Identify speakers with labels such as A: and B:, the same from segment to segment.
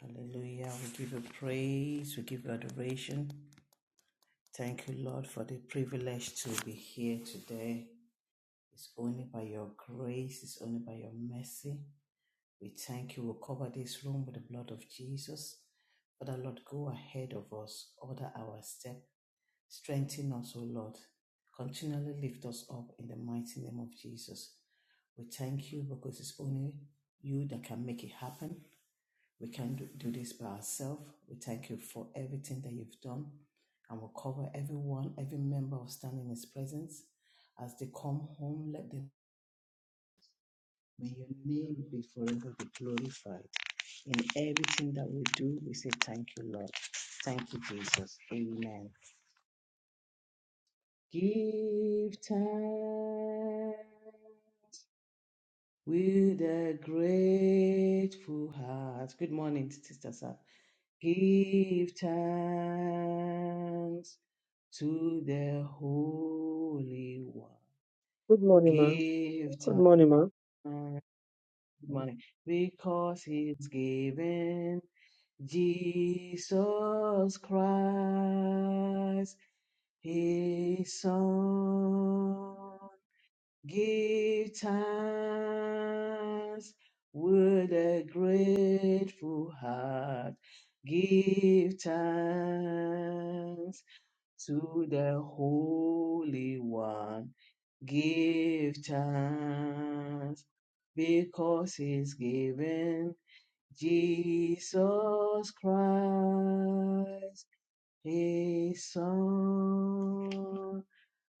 A: Hallelujah. We give you praise. We give you adoration. Thank you, Lord, for the privilege to be here today. It's only by your grace, it's only by your mercy. We thank you. We'll cover this room with the blood of Jesus. Father, Lord, go ahead of us, order our step, strengthen us, O Lord. Continually lift us up in the mighty name of Jesus. We thank you because it's only you that can make it happen. We can do, do this by ourselves. We thank you for everything that you've done and we'll cover everyone, every member of Stand in His presence. As they come home, let them. May your name be forever be glorified. In everything that we do, we say thank you, Lord. Thank you, Jesus. Amen. Give time with a grateful heart. Good morning, Sister Sam. Give thanks to the Holy One.
B: Good morning, ma'am.
A: Give
B: Good
A: thanks,
B: morning, ma'am.
A: money, because He's given Jesus Christ, His Son. Give thanks with a grateful heart. Give thanks to the Holy One. Give thanks because He's given Jesus Christ, His Son.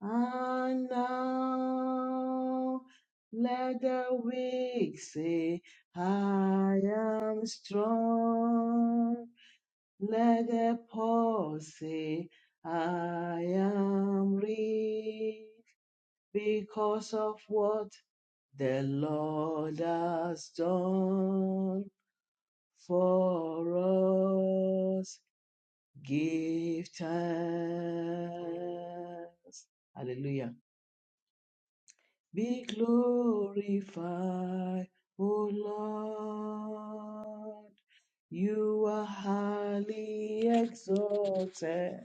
A: And now let the weak say, I am strong. Let the poor say, I am rich because of what the Lord has done for us. Give thanks. Hallelujah. be glorified, O Lord. You are highly exalted,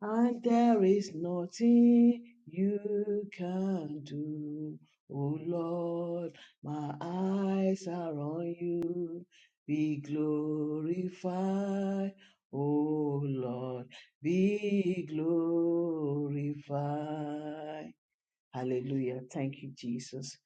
A: and there is nothing you can do. O Lord, my eyes are on you. Be glorified, O Lord, be glorified. Hallelujah. Thank you, Jesus.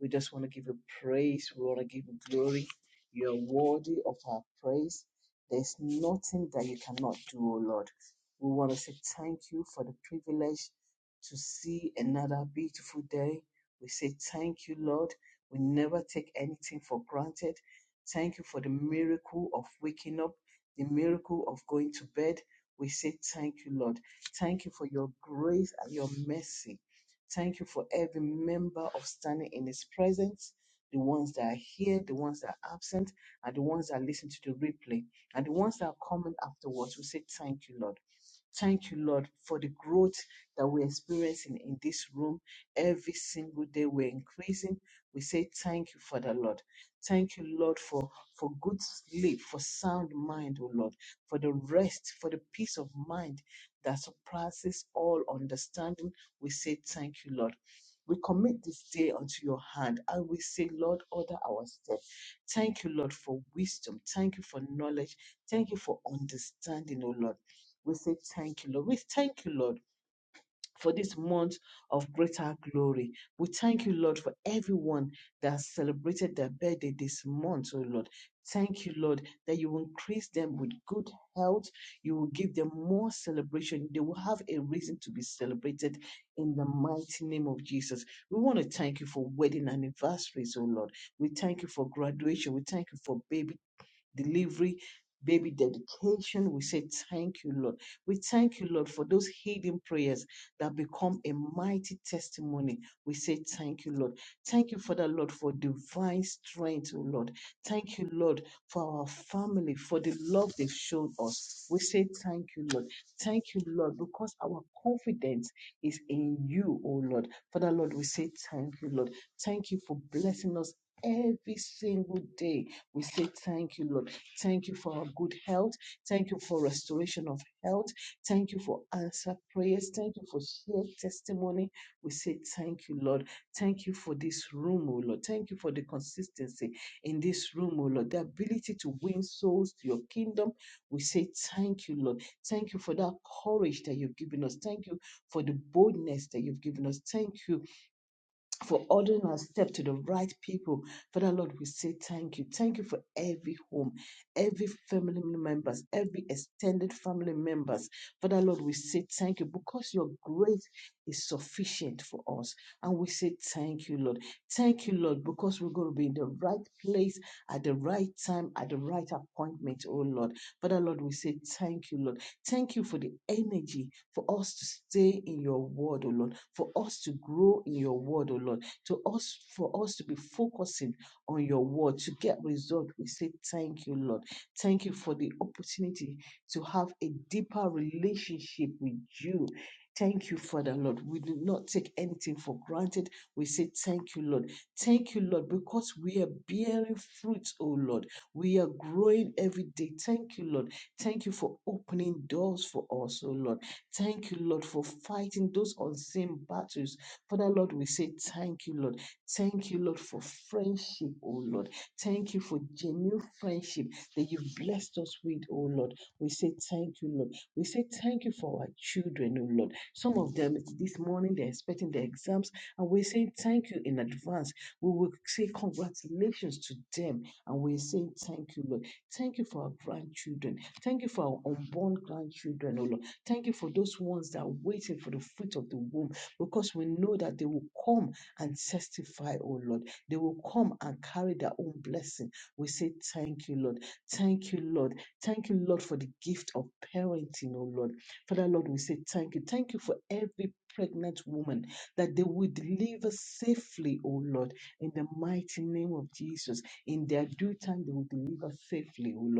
A: We just want to give you praise. We want to give you glory. You are worthy of our praise. There's nothing that you cannot do, O Lord. We want to say thank you for the privilege to see another beautiful day. We say thank you, Lord. We never take anything for granted. Thank you for the miracle of waking up, the miracle of going to bed. We say thank you, Lord. Thank you for your grace and your mercy. Thank you for every member of standing in His presence, the ones that are here, the ones that are absent, and the ones that listen to the replay, and the ones that are coming afterwards. We say, Thank you, Lord. Thank you, Lord, for the growth that we're experiencing in this room. Every single day we're increasing. We say thank you, Father Lord. Thank you, Lord, for, for good sleep, for sound mind, O Lord, for the rest, for the peace of mind that surpasses all understanding we say thank you, Lord. We commit this day unto your hand and we say, Lord, order our steps. Thank you, Lord, for wisdom. Thank you for knowledge. Thank you for understanding, O Lord. We say thank you, Lord. We thank you, Lord for this month of greater glory. We thank you, Lord, for everyone that has celebrated their birthday this month, oh Lord. Thank you, Lord, that you will increase them with good health. You will give them more celebration. They will have a reason to be celebrated in the mighty name of Jesus. We want to thank you for wedding anniversaries, oh Lord. We thank you for graduation. We thank you for baby delivery, baby dedication. We say, Thank you, Lord. We thank you, Lord, for those hidden prayers that become a mighty testimony. We say, Thank you, Lord. Thank you, Father, Lord, for divine strength, oh Lord. Thank you, Lord, for our family, for the love they've shown us. We say, Thank you, Lord. Thank you, Lord, because our confidence is in you, oh Lord. Father, Lord, we say, Thank you, Lord. Thank you for blessing us every single day. We say, Thank you, Lord. Thank you for our good health. Thank you for restoration of health. Thank you for answer prayers. Thank you for shared testimony. We say thank you, Lord. Thank you for this room, O Lord. Thank you for the consistency in this room, O Lord. The ability to win souls to your kingdom. We say thank you, Lord. Thank you for that courage that you've given us. Thank you for the boldness that you've given us. Thank you for ordering our step to the right people. Father Lord, we say thank you. Thank you for every home, every family members, every extended family members. Father Lord, we say thank you because your grace is sufficient for us. And we say thank you, Lord. Thank you, Lord, because we're going to be in the right place at the right time, at the right appointment, oh Lord. Father Lord, we say thank you, Lord. Thank you for the energy for us to stay in your word, oh Lord for us to grow in your word, oh Lord, to us for us to be focusing on your word to get result. We say thank you, Lord. Thank you for the opportunity to have a deeper relationship with you. Thank you, Father Lord. We do not take anything for granted. We say thank you, Lord. Thank you, Lord, because we are bearing fruit, oh Lord. We are growing every day. Thank you, Lord. Thank you for opening doors for us, oh Lord. Thank you, Lord, for fighting those unseen battles. Father, Lord, we say thank you, Lord. Thank you, Lord, for friendship, oh Lord. Thank you for genuine friendship that you've blessed us with, oh Lord. We say thank you, Lord. We say thank you for our children, oh Lord. Some of them this morning they're expecting their exams, and we say thank you in advance. We will say congratulations to them, and we're saying thank you, Lord. Thank you for our grandchildren. Thank you for our unborn grandchildren, oh Lord. Thank you for those ones that are waiting for the fruit of the womb because we know that they will come and testify, oh Lord. They will come and carry their own blessing. We say, Thank you, Lord. Thank you, Lord. Thank you, Lord, for the gift of parenting, oh Lord. Father, Lord, we say, Thank you. Thank you for every pregnant woman that they will deliver safely, oh Lord, in the mighty name of Jesus. In their due time, they will deliver safely, oh Lord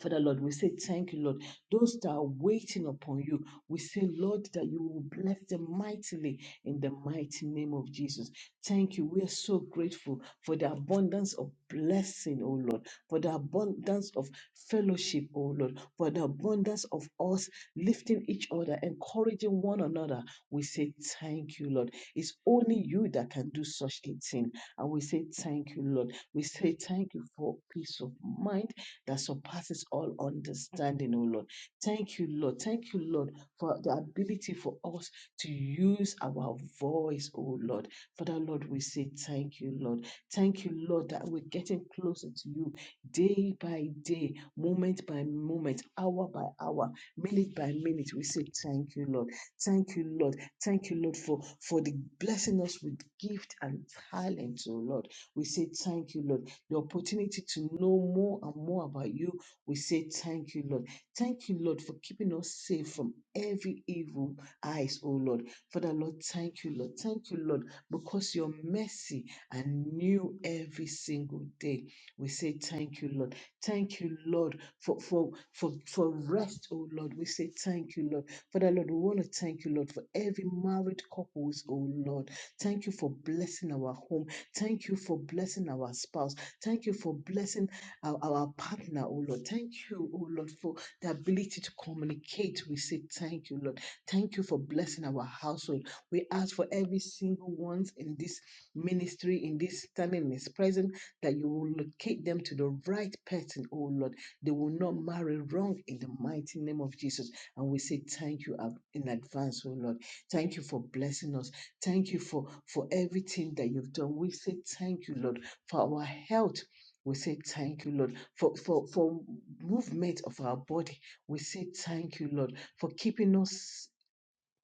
A: Father Lord, we say thank you, Lord. Those that are waiting upon you, we say, Lord, that you will bless them mightily in the mighty name of Jesus. Thank you. We are so grateful for the abundance of blessing, oh Lord, for the abundance of fellowship, oh Lord, for the abundance of us lifting each other, encouraging one another. We say thank you, Lord. It's only you that can do such a thing. And we say thank you, Lord. We say thank you for peace of mind that surpasses all understanding, oh Lord. Thank you, Lord. Thank you, Lord, for the ability for us to use our voice, oh Lord. Father, Lord, we say thank you, Lord. Thank you, Lord, that we're getting closer to you day by day, moment by moment, hour by hour, minute by minute. We say thank you, Lord. Thank you, Lord. Thank you, Lord, for, for the blessing us with gift and talent, oh Lord. We say thank you, Lord the opportunity to know more and more about you. We say thank you, Lord. Thank you, Lord, for keeping us safe from every evil eyes, oh Lord. Father, Lord, thank you, Lord. Thank you, Lord, because your mercy are new every single day. We say thank you, Lord. Thank you, Lord, for for for, for rest, oh Lord. We say thank you, Lord. Father, Lord, we want to thank you, Lord, for every married couples, oh Lord. Thank you for blessing our home. Thank you for blessing our spouse. Thank you for blessing our, our partner, oh Lord. Thank you, oh Lord, for the ability to communicate. We say thank you, Lord. Thank you for blessing our household. We ask for every single ones in this ministry, in this standing, in this present, that you will locate them to the right person, oh Lord. They will not marry wrong in the mighty name of Jesus. And we say thank you ab- in advance, oh Lord. Thank you for blessing us. Thank you for, for everything that you've done. We say thank you, Lord for our health. We say thank you, Lord, for, for, for movement of our body. We say thank you, Lord, for keeping us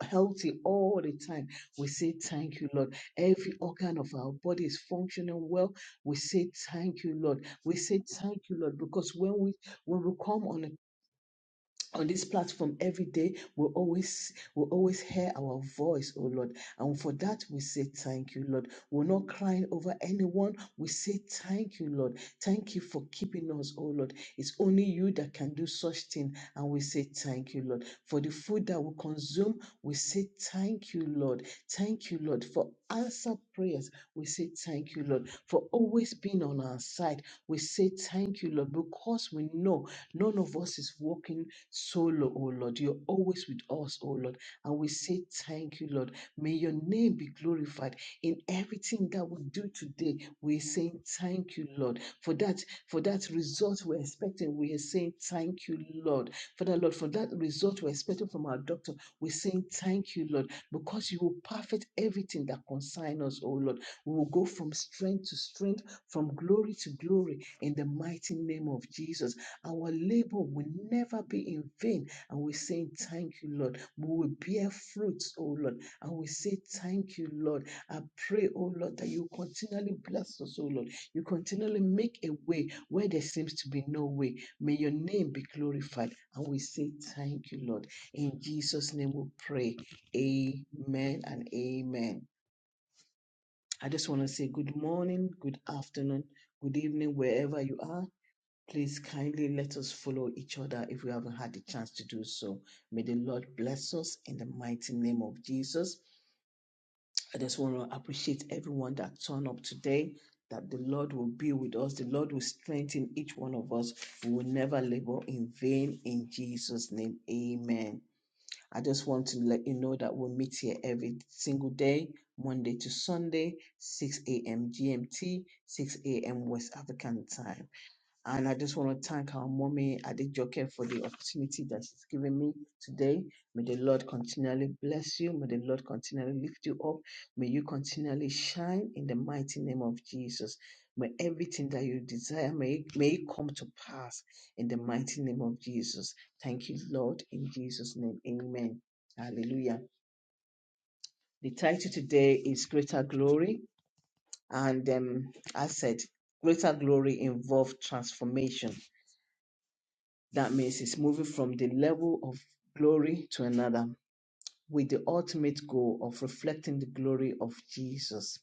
A: healthy all the time. We say thank you, Lord. Every organ of our body is functioning well. We say thank you, Lord. We say thank you, Lord, because when we when we come on a on this platform every day we always we always hear our voice oh lord and for that we say thank you lord we're not crying over anyone we say thank you lord thank you for keeping us oh lord it's only you that can do such thing and we say thank you lord for the food that we consume we say thank you lord thank you lord for answer prayers we say thank you lord for always being on our side we say thank you lord because we know none of us is walking so, Lord, oh Lord, you're always with us, oh Lord. And we say thank you, Lord. May your name be glorified in everything that we do today. We're saying thank you, Lord. For that, for that result we're expecting, we are saying thank you, Lord. Father, Lord, for that result we're expecting from our doctor, we're saying thank you, Lord, because you will perfect everything that concerns us, oh Lord. We will go from strength to strength, from glory to glory in the mighty name of Jesus. Our labor will never be in vain. And we say Thank you, Lord. We will bear fruits, oh Lord. And we say, Thank you, Lord. I pray, oh Lord, that you continually bless us, oh Lord. You continually make a way where there seems to be no way. May your name be glorified. And we say, Thank you, Lord. In Jesus' name we pray. Amen and amen. I just want to say good morning, good afternoon, good evening, wherever you are. Please kindly let us follow each other if we haven't had the chance to do so. May the Lord bless us in the mighty name of Jesus. I just want to appreciate everyone that turned up today, that the Lord will be with us. The Lord will strengthen each one of us. We will never labor in vain in Jesus' name. Amen. I just want to let you know that we'll meet here every single day, Monday to Sunday, 6 a.m. GMT, 6 a.m. West African time. And I just want to thank our mommy Adejoke for the opportunity that she's given me today. May the Lord continually bless you. May the Lord continually lift you up. May you continually shine in the mighty name of Jesus. May everything that you desire may it, may it come to pass in the mighty name of Jesus. Thank you, Lord, in Jesus' name. Amen. Hallelujah. The title today is Greater Glory. And um, I said, Greater Glory involves transformation That means it's moving from the level of glory to another with the ultimate goal of reflecting the glory of Jesus.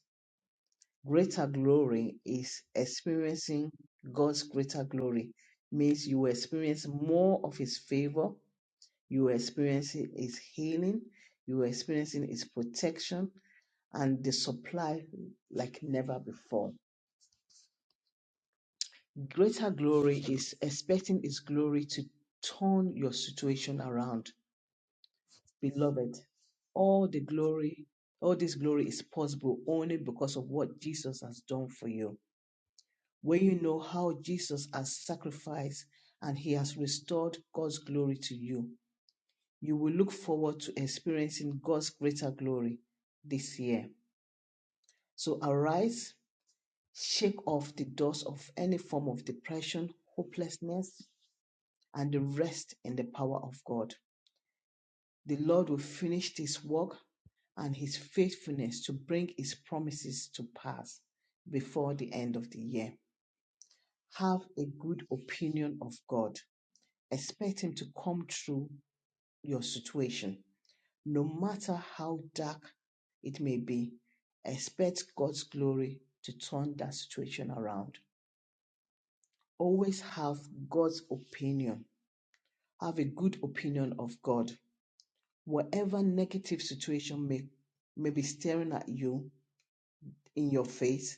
A: Greater glory is experiencing God's greater glory, means you will experience more of His favor, you will experience His healing, you will experience His protection and the supply like never before. Greater glory is expecting His glory to turn your situation around Beloved, all the glory, all this glory is possible only because of what Jesus has done for you. When you know how Jesus has sacrificed and he has restored God's glory to you, you will look forward to experiencing God's greater glory this year. So arise, shake off the dust of any form of depression, hopelessness, and the rest in the power of God. The Lord will finish this work and his faithfulness to bring his promises to pass before the end of the year. Have a good opinion of God. Expect him to come through your situation. No matter how dark it may be, expect God's glory to turn that situation around. Always have God's opinion. Have a good opinion of God. Whatever negative situation may, may be staring at you, in your faith,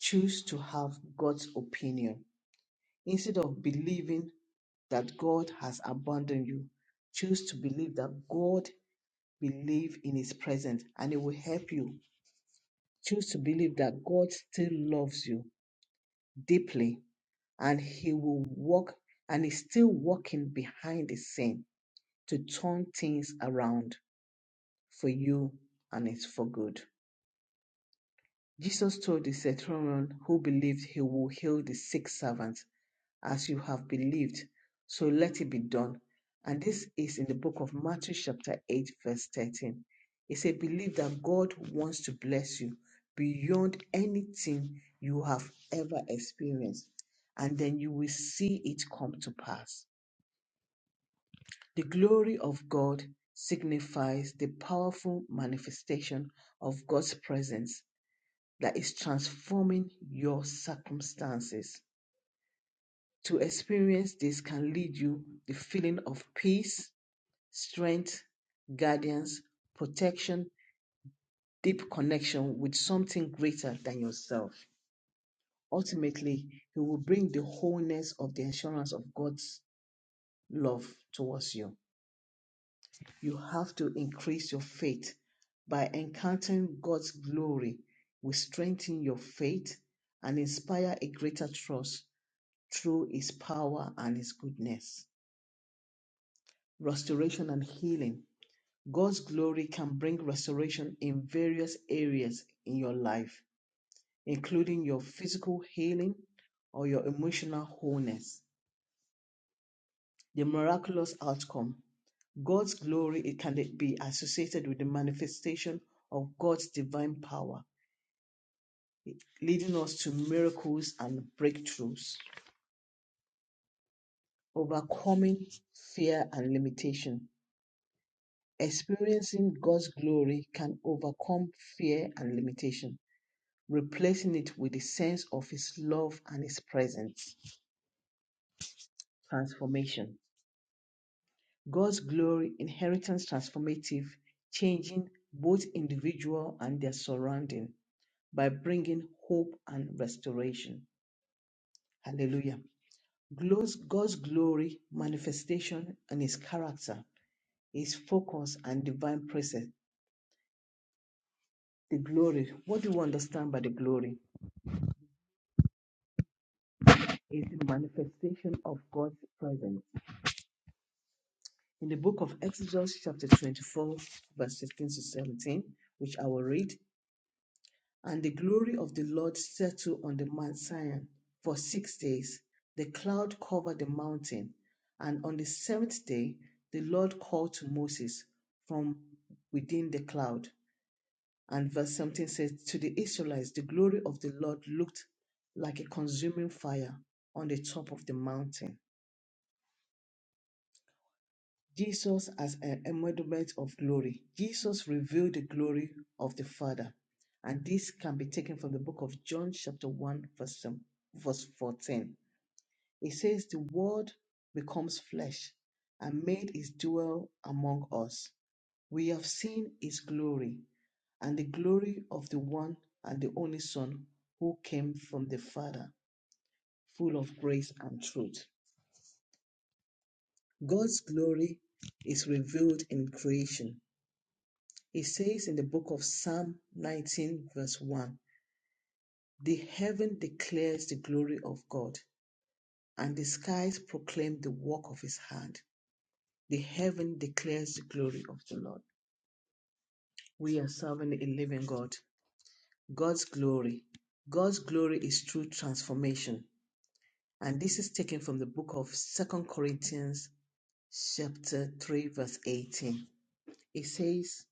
A: choose to have God's opinion. Instead of believing that God has abandoned you, choose to believe that God believe in his presence and it will help you. Choose to believe that God still loves you deeply and he will walk and is still working behind the scene to turn things around for you and it's for good. Jesus told the centurion who believed he will heal the sick servant as you have believed, so let it be done. And this is in the book of Matthew, chapter 8, verse 13. It said, Believe that God wants to bless you beyond anything you have ever experienced, and then you will see it come to pass. The glory of God signifies the powerful manifestation of God's presence that is transforming your circumstances. To experience this can lead you the feeling of peace, strength, guidance, protection, deep connection with something greater than yourself. Ultimately, He will bring the wholeness of the assurance of God's love towards you. You have to increase your faith by encountering God's glory, will strengthen your faith and inspire a greater trust through His power and His goodness. Restoration and healing God's glory can bring restoration in various areas in your life, including your physical healing or your emotional wholeness. The miraculous outcome. God's glory it can be associated with the manifestation of God's divine power, leading us to miracles and breakthroughs, overcoming fear and limitation. Experiencing God's glory can overcome fear and limitation replacing it with a sense of His love and His presence. Transformation. God's glory, inheritance transformative, changing both individual and their surrounding by bringing hope and restoration. Hallelujah. Glows God's glory, manifestation, and His character, His focus, and divine presence. The glory. What do we understand by the glory? Is the manifestation of God's presence in the book of Exodus, chapter 24, verse 15 to 17, which I will read. And the glory of the Lord settled on the Mount Sion for six days. The cloud covered the mountain. And on the seventh day, the Lord called to Moses from within the cloud. And verse 17 says, To the Israelites, the glory of the Lord looked like a consuming fire on the top of the mountain. Jesus as an embodiment of glory. Jesus revealed the glory of the Father. And this can be taken from the book of John, chapter 1, verse, um, verse 14. It says, The word becomes flesh and made his dwell among us. We have seen his glory, and the glory of the one and the only Son who came from the Father, full of grace and truth. God's glory is revealed in creation It says in the book of Psalm 19, verse 1 The heaven declares the glory of God, and the skies proclaim the work of his hand. The heaven declares the glory of the Lord. We are serving a living God. God's glory. God's glory is through transformation. And this is taken from the book of Second Corinthians, chapter 3, verse 18. It says,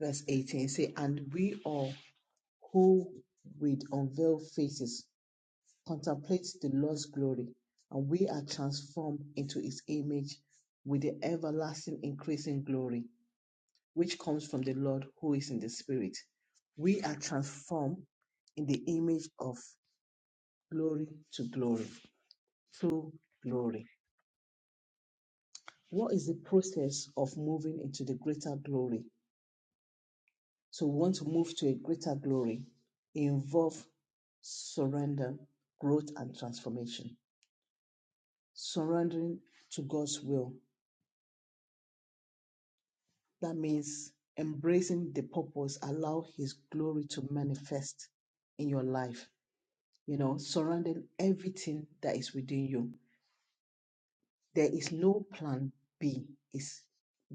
A: verse 18, it says, And we all who with unveiled faces contemplates the Lord's glory, and we are transformed into his image with the everlasting increasing glory, which comes from the Lord who is in the Spirit. We are transformed in the image of glory to glory, through glory. What is the process of moving into the greater glory? So, we want to move to a greater glory, It involves surrender, growth, and transformation. Surrendering to God's will That means embracing the purpose, allow His glory to manifest in your life, you know, surrounding everything that is within you. There is no plan B, it's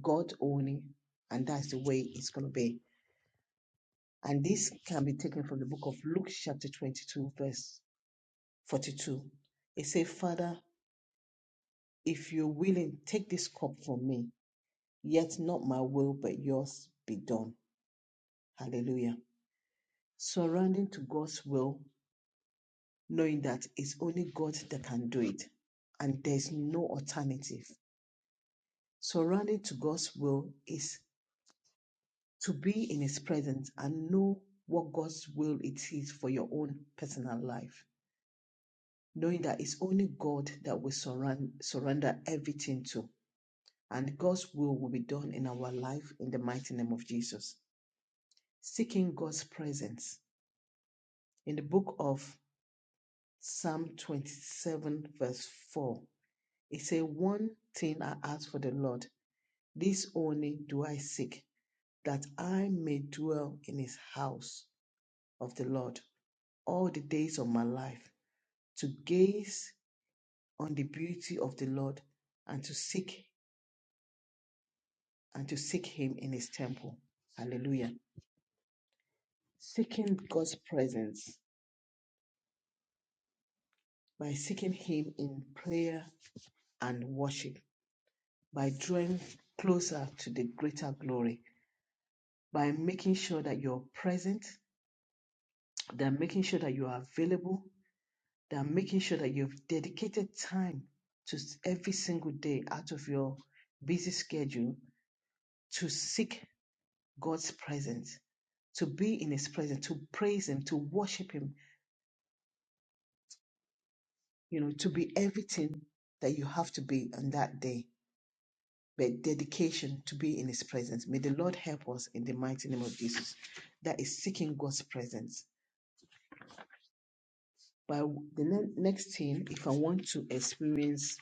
A: God only, and that's the way it's going to be. And this can be taken from the book of Luke, chapter 22, verse 42. It says, Father, if you're willing, take this cup from me, yet not my will, but yours be done. Hallelujah surrendering to God's will knowing that it's only God that can do it and there's no alternative. Surrounding to God's will is to be in His presence and know what God's will it is for your own personal life. Knowing that it's only God that we surround, surrender everything to, and God's will will be done in our life in the mighty name of Jesus. Seeking God's presence. In the book of Psalm 27, verse 4, it says, One thing I ask for the Lord This only do I seek, that I may dwell in his house of the Lord all the days of my life, to gaze on the beauty of the Lord and to seek and to seek him in his temple. Hallelujah. Seeking God's presence by seeking him in prayer and worship, by drawing closer to the greater glory, by making sure that you're present, that making sure that you are available, that making sure that you've dedicated time to s- every single day out of your busy schedule to seek God's presence, to be in His presence, to praise Him, to worship Him, you know, to be everything that you have to be on that day. But dedication to be in His presence. May the Lord help us in the mighty name of Jesus. That is seeking God's presence. But the ne- next thing, if I want to experience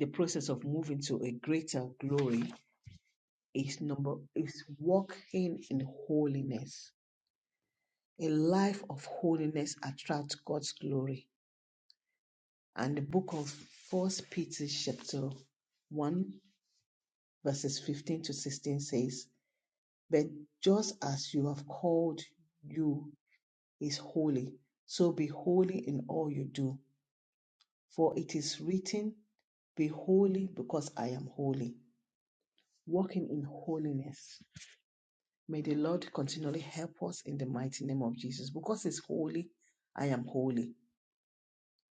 A: the process of moving to a greater glory, is number is walking in holiness. A life of holiness attracts God's glory. And the book of First Peter chapter one verses fifteen to sixteen says, But just as you have called you is holy, so be holy in all you do. For it is written, Be holy because I am holy. Walking in holiness May the Lord continually help us in the mighty name of Jesus. Because He's holy, I am holy.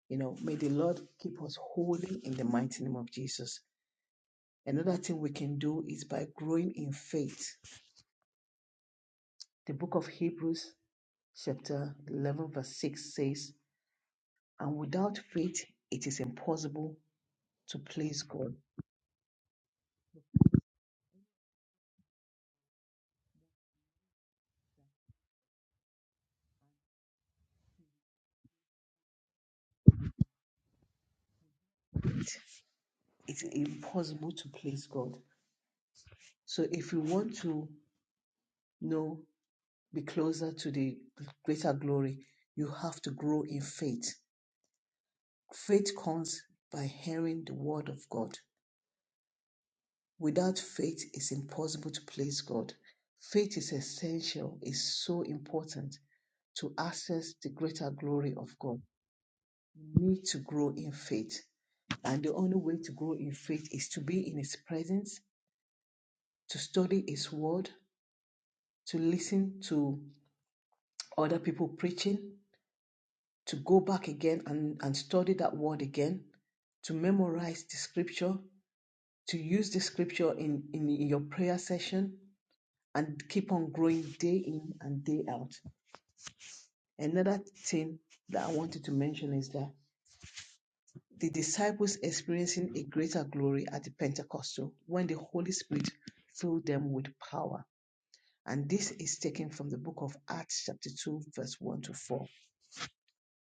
A: You know, may the Lord keep us holy in the mighty name of Jesus. Another thing we can do is by growing in faith. The book of Hebrews, chapter 11, verse 6 says, And without faith, it is impossible to please God. It's impossible to please God. So if you want to you know, be closer to the greater glory, you have to grow in faith Faith comes by hearing the word of God. Without faith, it's impossible to please God. Faith is essential, is so important to access the greater glory of God. We need to grow in faith. And the only way to grow in faith is to be in His presence, to study His word, to listen to other people preaching, to go back again and, and study that word again, to memorize the scripture, to use the scripture in, in your prayer session and keep on growing day in and day out. Another thing that I wanted to mention is that the disciples experiencing a greater glory at the Pentecostal when the Holy Spirit filled them with power. And this is taken from the book of Acts, chapter 2, verse 1 to 4.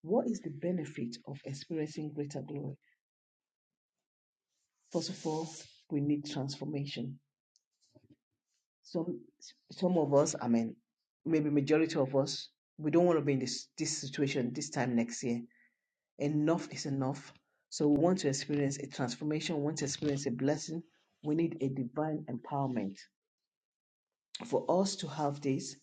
A: What is the benefit of experiencing greater glory? First of all, we need transformation some some of us i mean maybe majority of us we don't want to be in this this situation this time next year enough is enough so we want to experience a transformation we want to experience a blessing we need a divine empowerment for us to have this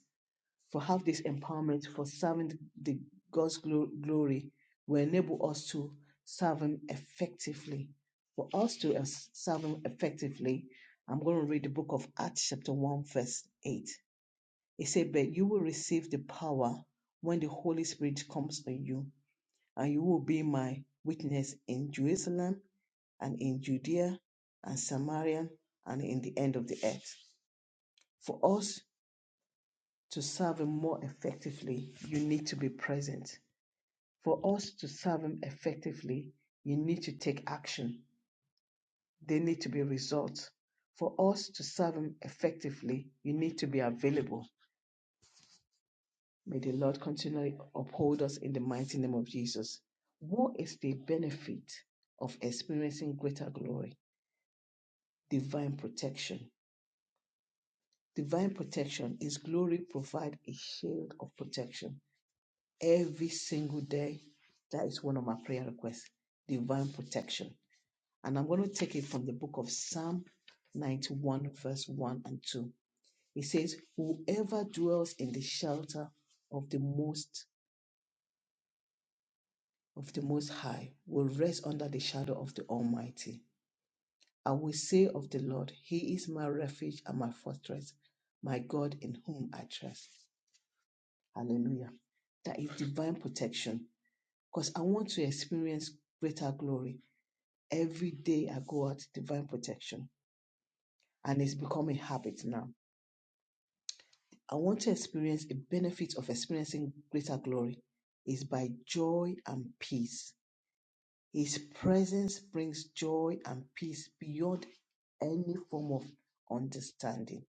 A: for have this empowerment for serving the god's glo- glory will enable us to serve him effectively for us to es- serve him effectively i'm going to read the book of acts chapter 1 verse 8 he said, But you will receive the power when the Holy Spirit comes on you, and you will be my witness in Jerusalem and in Judea and Samaria and in the end of the earth. For us to serve Him more effectively, you need to be present. For us to serve Him effectively, you need to take action. They need to be results. For us to serve Him effectively, you need to be available. May the Lord continually uphold us in the mighty name of Jesus. What is the benefit of experiencing greater glory? Divine protection. Divine protection is glory provide a shield of protection every single day. That is one of my prayer requests. Divine protection. And I'm going to take it from the book of Psalm 91, verse 1 and 2. It says, Whoever dwells in the shelter of the Most of the Most High will rest under the shadow of the Almighty. I will say of the Lord, He is my refuge and my fortress, my God in whom I trust. Hallelujah. That is divine protection because I want to experience greater glory. Every day I go out, divine protection, and it's become a habit now. I want to experience a benefit of experiencing greater glory is by joy and peace His presence brings joy and peace beyond any form of understanding.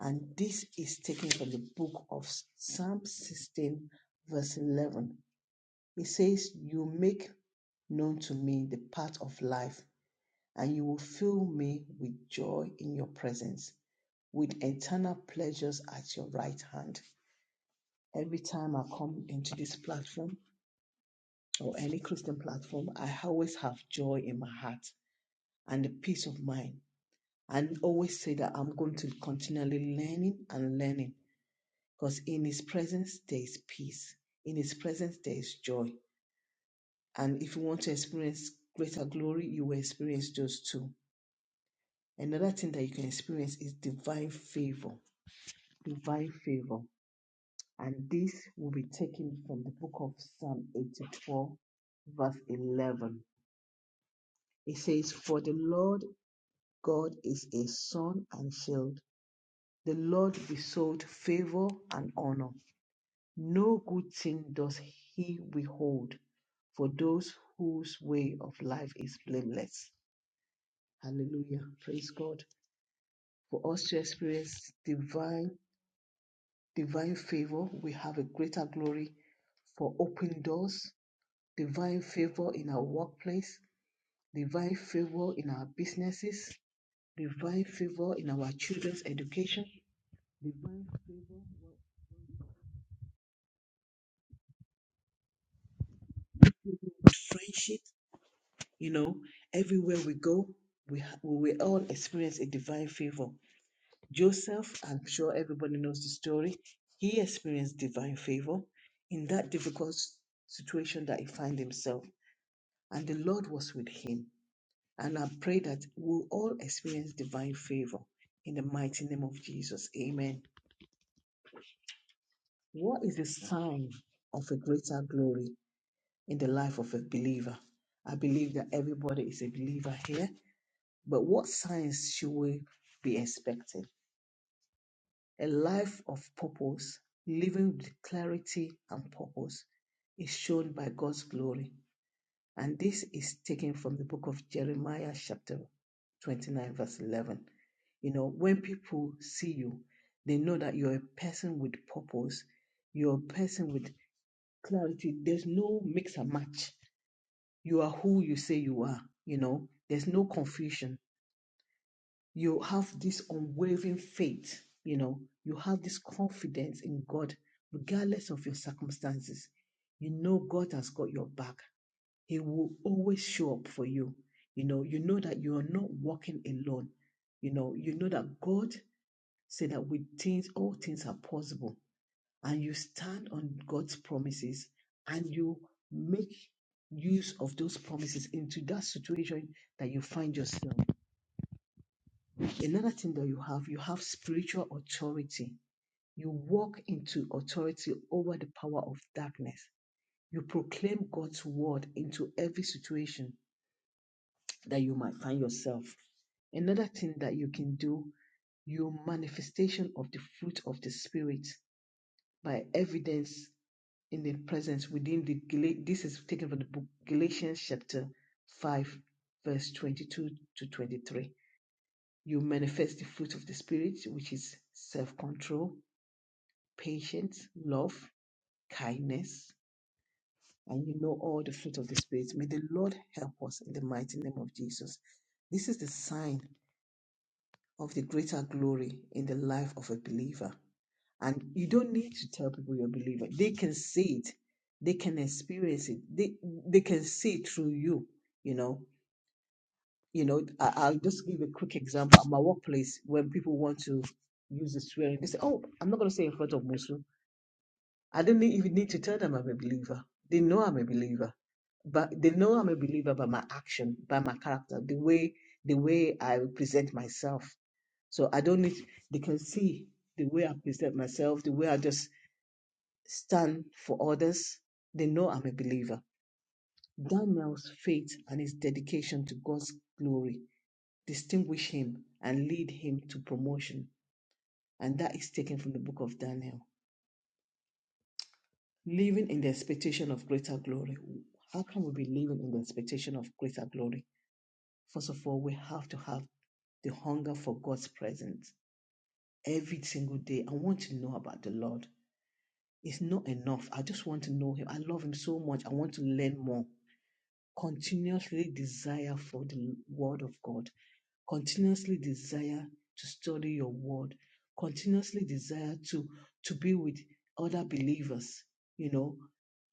A: And this is taken from the book of Psalm 16, verse 11. It says, You make known to me the path of life, and you will fill me with joy in your presence, with eternal pleasures at your right hand. Every time I come into this platform or any Christian platform, I always have joy in my heart and the peace of mind and always say that I'm going to continually learning and learning because in his presence there is peace. In his presence there is joy. And if you want to experience greater glory, you will experience those two. Another thing that you can experience is divine favor. Divine favor. And this will be taken from the book of Psalm 84, verse 11. It says, For the Lord God is a sun and shield. The Lord bestowed favor and honor. No good thing does he withhold for those whose way of life is blameless. Hallelujah. Praise God. For us to experience divine divine favor, we have a greater glory for open doors, divine favor in our workplace, divine favor in our businesses, divine favor in our children's education, divine favor in friendship, You know, everywhere we go, we, ha- we will all experience a divine favor. Joseph, I'm sure everybody knows the story, he experienced divine favor in that difficult s- situation that he found himself, and the Lord was with him. And I pray that we'll all experience divine favor in the mighty name of Jesus. Amen. What is the sign of a greater glory in the life of a believer? I believe that everybody is a believer here But what signs should we be expecting? A life of purpose, living with clarity and purpose, is shown by God's glory. And this is taken from the book of Jeremiah, chapter 29, verse 11. You know, when people see you, they know that you're a person with purpose, you're a person with clarity. There's no mix and match. You are who you say you are, you know, there's no confusion you have this unwavering faith, you know, you have this confidence in God, regardless of your circumstances. You know God has got your back. He will always show up for you. You know, you know that you are not walking alone. You know, you know that God said that with things, all things are possible. And you stand on God's promises and you make use of those promises into that situation that you find yourself. Another thing that you have, you have spiritual authority. You walk into authority over the power of darkness. You proclaim God's word into every situation that you might find yourself. Another thing that you can do, your manifestation of the fruit of the spirit by evidence in the presence within the Gala- this is taken from the book Galatians chapter 5 verse 22 to 23 you manifest the fruit of the Spirit, which is self control, patience, love, kindness, and you know all the fruit of the Spirit. May the Lord help us in the mighty name of Jesus. This is the sign of the greater glory in the life of a believer. And you don't need to tell people you're a believer, they can see it, they can experience it, they, they can see it through you, you know. you know, I, I'll just give a quick example at my workplace when people want to use the swearing. They say, "Oh, I'm not going to say in front of Muslim." I didn't need- even need to tell them I'm a believer. They know I'm a believer, but they know I'm a believer by my action, by my character, the way the way I present myself. So I don't need. They can see the way I present myself, the way I just stand for others. They know I'm a believer. Daniel's faith and his dedication to God's glory distinguish him and lead him to promotion. And that is taken from the book of Daniel. Living in the expectation of greater glory. How can we be living in the expectation of greater glory? First of all, we have to have the hunger for God's presence every single day. I want to know about the Lord. It's not enough. I just want to know Him. I love Him so much. I want to learn more. Continuously desire for the Word of God continuously desire to study your word, continuously desire to to be with other believers, you know,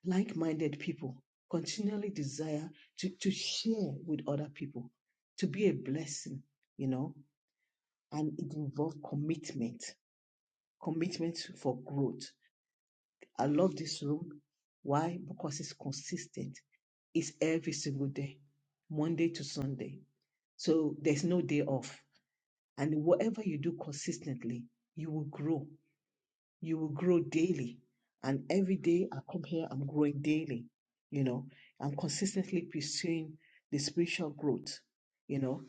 A: like-minded people, continually desire to, to share with other people, to be a blessing, you know, and it involves commitment, commitment for growth. I love this room. Why? Because it's consistent. It's every single day, Monday to Sunday. So there's no day off. And whatever you do consistently, you will grow. You will grow daily. And every day I come here, I'm growing daily. You know, I'm consistently pursuing the spiritual growth. You know,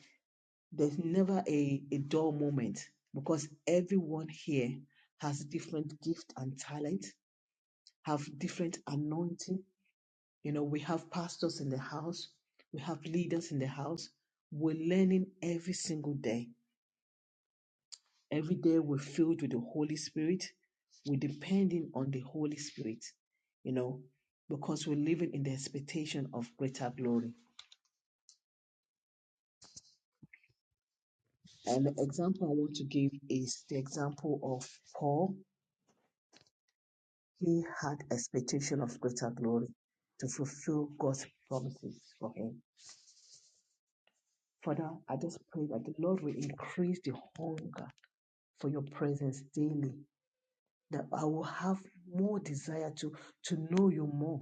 A: there's never a, a dull moment because everyone here has different gift and talent, have different anointing. You know, we have pastors in the house, we have leaders in the house. We're learning every single day Every day we're filled with the Holy Spirit. We're depending on the Holy Spirit, you know, because we're living in the expectation of greater glory. And the example I want to give is the example of Paul. He had expectation of greater glory to fulfill God's promises for him. Father, I just pray that the Lord will increase the hunger for your presence daily, that I will have more desire to, to know you more,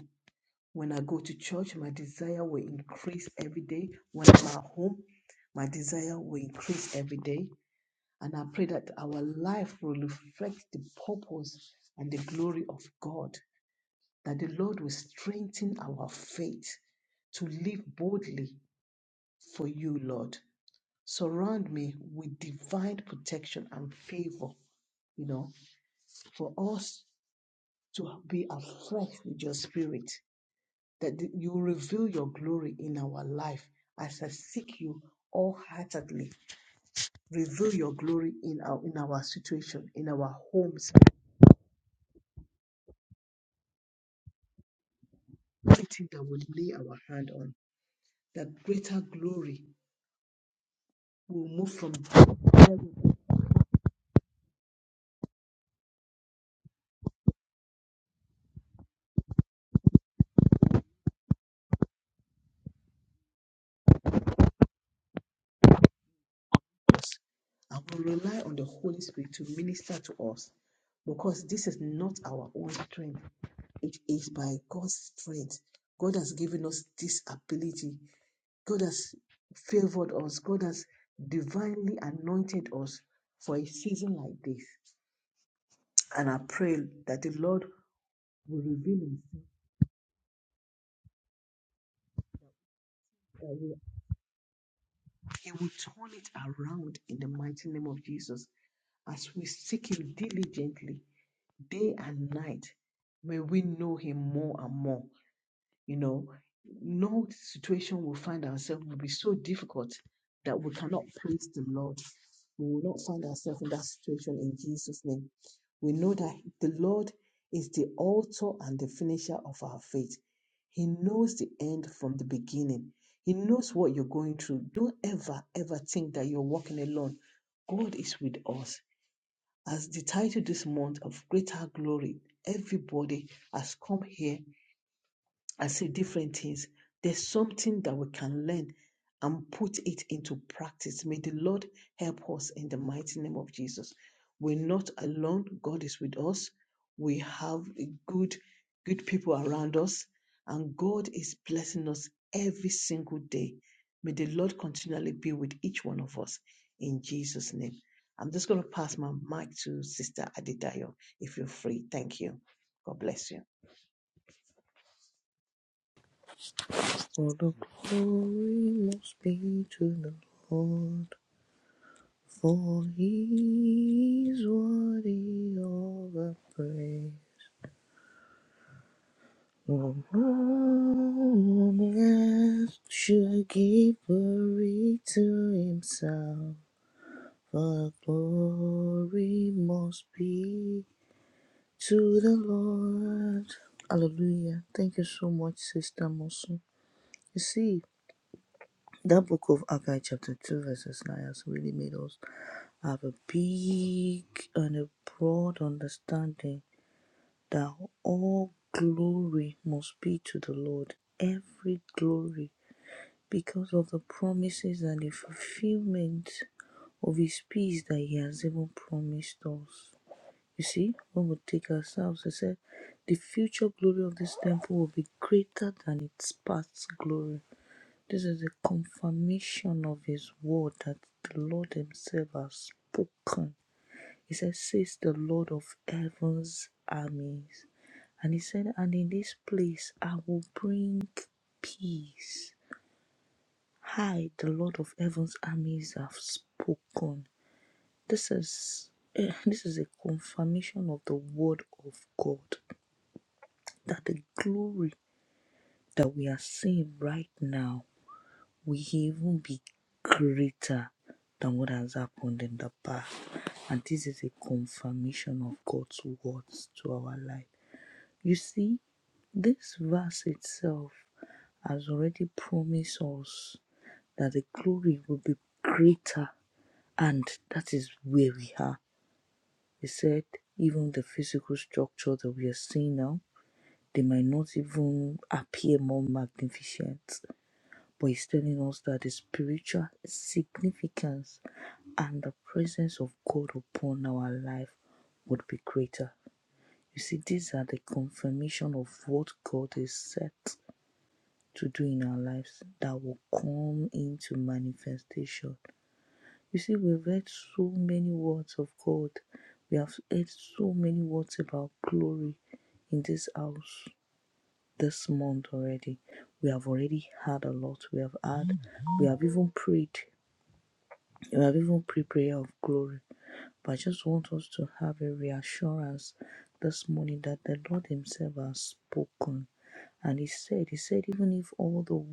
A: When I go to church, my desire will increase every day. When I'm at home, my desire will increase every day. And I pray that our life will reflect the purpose and the glory of God, that the Lord will strengthen our faith to live boldly for you, Lord. Surround me with divine protection and favor, you know, for us to be afresh with your spirit that th- you reveal your glory in our life as I seek you wholeheartedly. Reveal your glory in our in our situation, in our homes, everything that we lay our hand on. That greater glory will move from there and we rely on the Holy Spirit to minister to us because this is not our own strength. It is by God's strength. God has given us this ability. God has favored us. God has divinely anointed us for a season like this. And I pray that the Lord will reveal Himself, that we, He will turn it around in the mighty name of Jesus. As we seek Him diligently, day and night, may we know Him more and more. you know, no situation will find ourselves will be so difficult that we cannot praise the Lord. We will not find ourselves in that situation in Jesus' name. We know that the Lord is the author and the finisher of our faith. He knows the end from the beginning. He knows what you're going through. Don't ever, ever think that you're walking alone. God is with us. As the title this month of Greater Glory, everybody has come here and see different things. There's something that we can learn and put it into practice. May the Lord help us in the mighty name of Jesus. We're not alone. God is with us. We have good, good people around us, and God is blessing us every single day. May the Lord continually be with each one of us in Jesus' name. I'm just going to pass my mic to Sister Adidayo if you're free. Thank you. God bless you.
C: For the glory must be to the Lord, for he is worthy of the praise. No man should give glory to himself, for glory must be to the Lord. Hallelujah. Thank you so much, Sister Mosu. You see, that book of Agai, chapter 2, verses 9, has really made us have a big and a broad understanding that all glory must be to the Lord, every glory, because of the promises and the fulfillment of His peace that He has even promised us. You see, when we take ourselves, He said, the future glory of this temple will be greater than its past glory. This is a confirmation of His word that the Lord Himself has spoken he said, Says the Lord of heaven's armies. And he said, And in this place I will bring peace. I, the Lord of heaven's armies, have spoken. This is eh, this is a confirmation of the word of God that the glory that we are seeing right now will even be greater than what has happened in the past. And this is a confirmation of God's words to our life. You see, this verse itself has already promised us that the glory will be greater, and that is where we are. He said, even the physical structure that we are seeing now, they might not even appear more magnificent, but he's telling us that the spiritual significance and the presence of God upon our life would be greater. You see, these are the confirmation of what God has said. to do in our lives that will come into manifestation. You see, we've heard so many words of God. We have heard so many words about glory in this house this month already. We have already had a lot. We have had, we have even prayed. We have even prayed prayer of glory but I just want us to have a reassurance this morning that the Lord Himself has spoken. And He said, He said, even if all the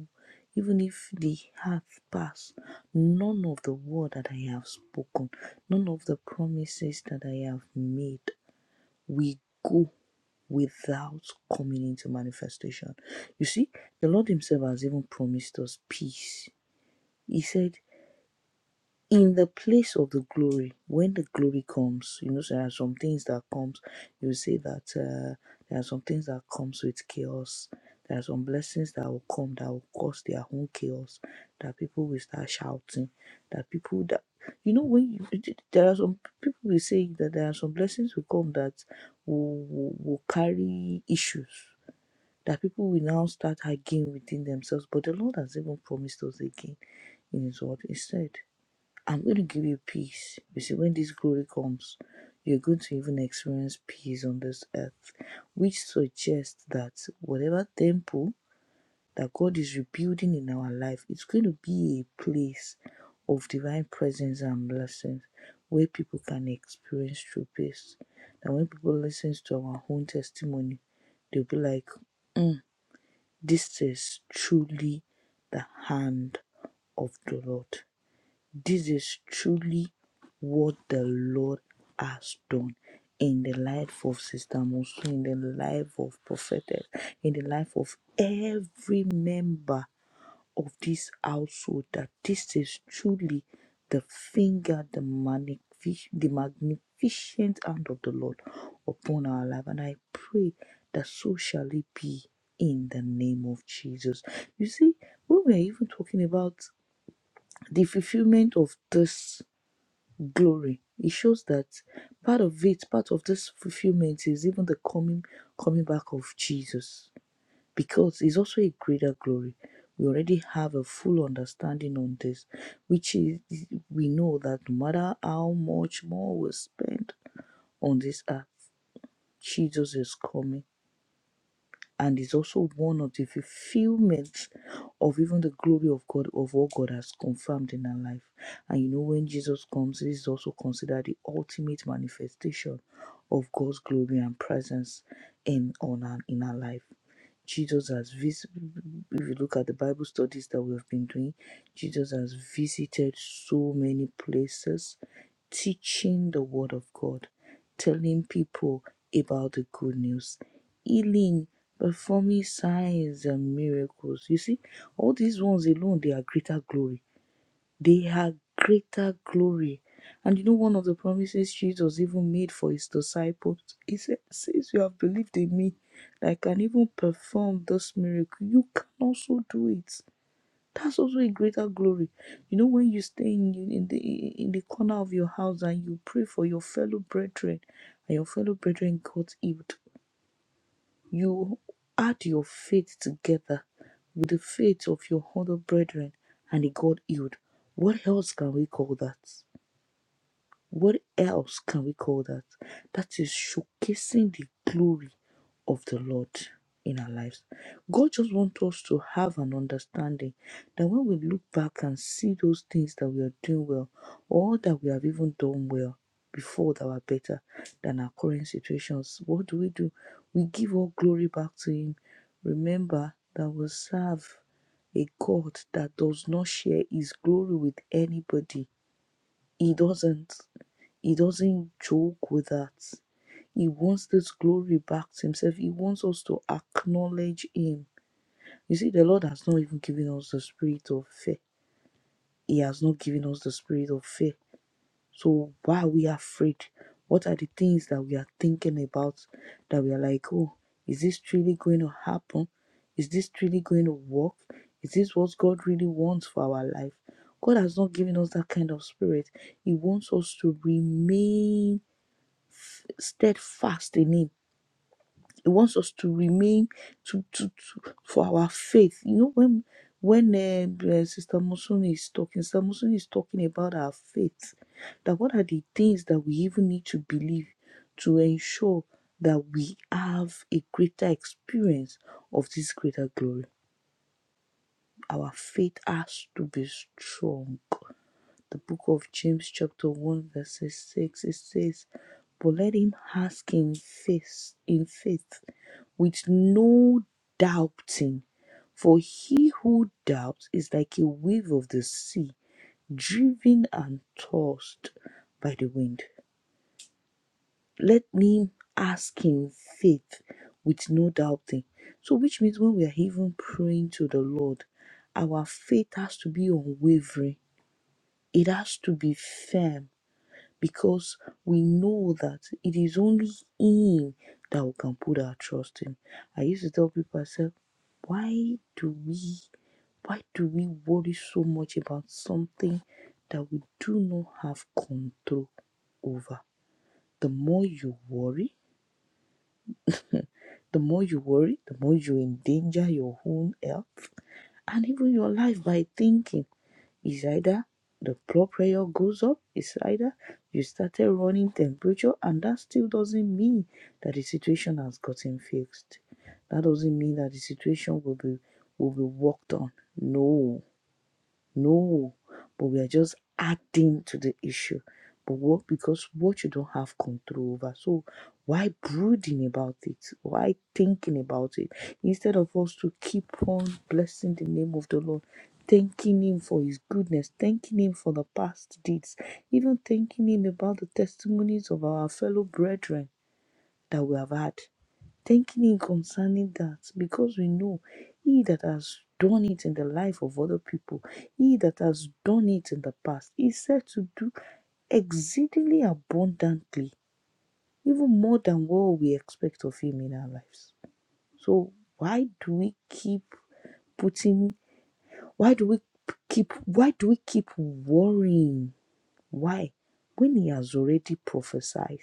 C: even if the half pass, none of the word that I have spoken, none of the promises that I have made will go without coming into manifestation. You see, the Lord Himself has even promised us peace. He said in the place of the glory when the glory comes you know so there are some things that comes you will say that uh, there are some things that comes with chaos there are some blessings that will come that will cause their own chaos that people will start shouting that people that you know when you, there are some people will say that there are some blessings will come that will, will, will carry issues that people will now start arguing within themselves but the lord has even promised us again in his word instead. I'm going to give you peace. You see, when this glory comes, you're going to even experience peace on this earth, which suggests that whatever temple that God is rebuilding in our life, it's going to be a place of divine presence and blessings where people can experience true peace. And when people listen to our own testimony, they'll be like, "Mm, this is truly the hand of the Lord. This is truly what the Lord has done in the life of Sister Mosu, in the life of prophetess, in the life of every member of this household, that this is truly the finger, the, magnific- the magnificent hand of the Lord upon our life. And I pray that so shall it be in the name of Jesus. You see, when we are even talking about the fulfillment of this glory. It shows that part of it, part of this fulfillment is even the coming coming back of Jesus. Because it's also a greater glory. We already have a full understanding on this, which is we know that no matter how much more we spend on this earth, Jesus is coming and is also one of the fulfillment of even the glory of God of what God has confirmed in our life. And you know, when Jesus comes, this is also considered the ultimate manifestation of God's glory and presence in on our, in our life. Jesus has vis- if you look at the Bible studies that we've been doing, Jesus has visited so many places teaching the word of God, telling people about the good news, healing, performing signs and miracles. You see, all these ones alone, they are greater glory. They are greater glory. And you know, one of the promises Jesus even made for his disciples, he said, Since you have believed in me, that I can even perform this miracle, you can also do it. That's also a greater glory. You know, when you stay in, in the in the corner of your house and you pray for your fellow brethren, and your fellow brethren got healed, you add your faith together with the faith of your other brethren, and he got healed. What else can we call that? What else can we call that? That is showcasing the glory of the Lord in our lives. God just wants us to have an understanding that when we look back and see those things that we are doing well, or that we have even done well before that were better than our current situations, what do we do? We give all glory back to Him. Remember that we serve a God that does not share His glory with anybody. He doesn't. He doesn't joke with that. He wants this glory back to himself. He wants us to acknowledge him. You see, the Lord has not even given us the spirit of fear. He has not given us the spirit of fear. So why are we afraid? What are the things that we are thinking about that we are like, oh, is this really going to happen? Is this really going to work? Is this what God really wants for our life? God has not given us that kind of spirit. He wants us to remain steadfast in him he wants us to remain to to, to for our faith you know when when um, uh, sister Musuni is talking sister Musuni is talking about our faith that what are the things that we even need to believe to ensure that we have a greater experience of this greater glory our faith has to be strong the book of james chapter 1 verses 6 it says but let him ask in faith in faith with no doubting. For he who doubts is like a wave of the sea, driven and tossed by the wind. Let him ask in faith with no doubting. So, which means when we are even praying to the Lord, our faith has to be unwavering, it has to be firm because we know that it is only Him that we can put our trust in. I used to tell people, I said, why do we, why do we worry so much about something that we do not have control over? The more you worry, the more you worry, the more you endanger your own health and even your life by thinking. is either the blood pressure goes up, it's either you started running temperature, and that still doesn't mean that the situation has gotten fixed. That doesn't mean that the situation will be will be worked on. No, no, but we are just adding to the issue. But what because what you don't have control over. So why brooding about it? Why thinking about it? Instead of us to keep on blessing the name of the Lord, thanking him for his goodness, thanking him for the past deeds, even thanking him about the testimonies of our fellow brethren that we have had thanking Him concerning that because we know He that has done it in the life of other people, He that has done it in the past, He said to do exceedingly abundantly, even more than what we expect of Him in our lives. So, why do we keep putting, why do we keep, why do we keep worrying? Why? When He has already prophesied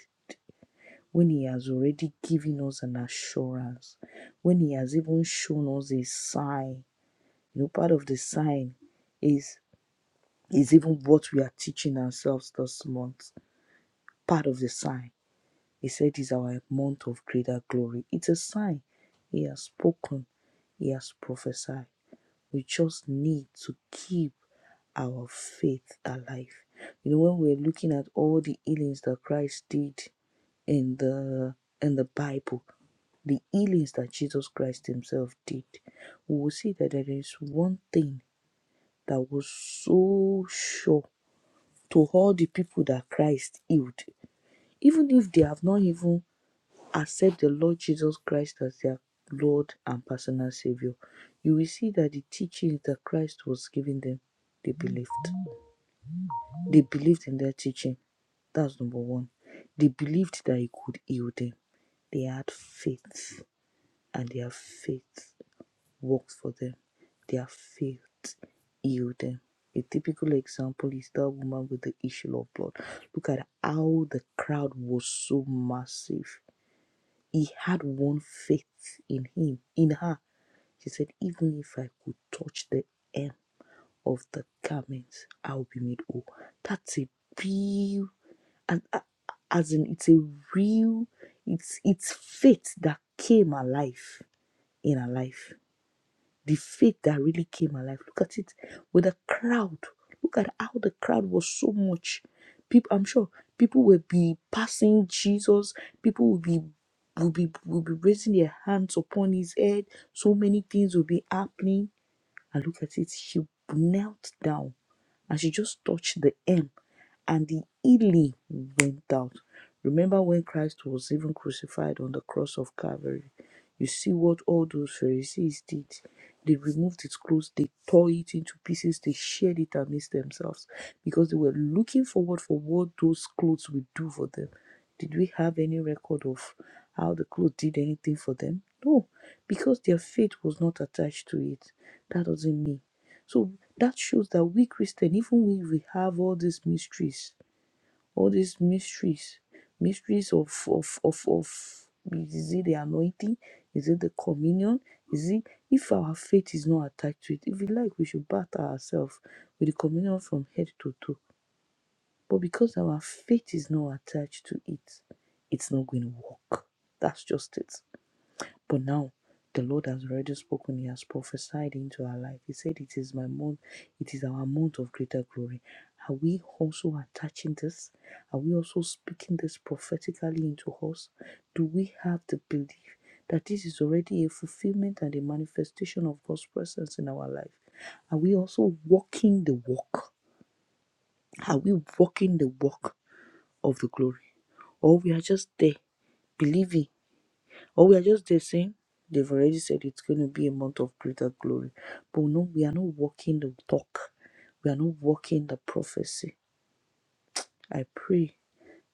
C: when He has already given us an assurance, when He has even shown us a sign. You know, part of the sign is is even what we are teaching ourselves this month. Part of the sign. He said is our month of greater glory. It's a sign. He has spoken. He has prophesied. We just need to keep our faith alive. You know, when we're looking at all the healings that Christ did in the in the Bible, the healings that Jesus Christ Himself did, we will see that there is one thing that was so sure to all the people that Christ healed, even if they have not even accepted the Lord Jesus Christ as their Lord and personal Savior. You will see that the teachings that Christ was giving them, they believed. They believed in their teaching. That's number one. They believed that He could heal them. They had faith and their faith works for them. Their faith healed them. A typical example is that woman with the issue of blood. Look at how the crowd was so massive. He had one faith in him, in her. She said, Even if I could touch the hem of the garments, I will be made whole. That's a real, and a- as in, it's a real, it's it's faith that came alive in her life. the faith that really came alive. Look at it with the crowd. Look at how the crowd was so much. People, I'm sure people will be passing Jesus. People will be will be will be raising their hands upon his head. So many things will be happening. And look at it. She knelt down and she just touched the hem and the healing went out. Remember when Christ was even crucified on the cross of Calvary? You see what all those Pharisees did. They removed his clothes, they tore it into pieces, they shared it amidst themselves because they were looking forward for what those clothes would do for them. Did we have any record of how the clothes did anything for them? No, because their faith was not attached to it. That doesn't mean so that shows that we Christian, even when we have all these mysteries, all these mysteries, mysteries of of of of is it the anointing? Is it the communion? Is it if our faith is not attached to it? If we like, we should bath ourselves with the communion from head to toe. But because our faith is not attached to it, it's not going to work. That's just it. But now the Lord has already spoken, He has prophesied into our life. He said, It is my month, it is our month of greater glory. Are we also attaching this? Are we also speaking this prophetically into us? Do we have the belief that this is already a fulfillment and a manifestation of God's presence in our life? Are we also walking the walk? Are we walking the walk of the glory? Or we are just there believing or we are just there saying they've already said it's going to be a month of greater glory. But no, we are not walking the talk. We are not walking the prophecy. I pray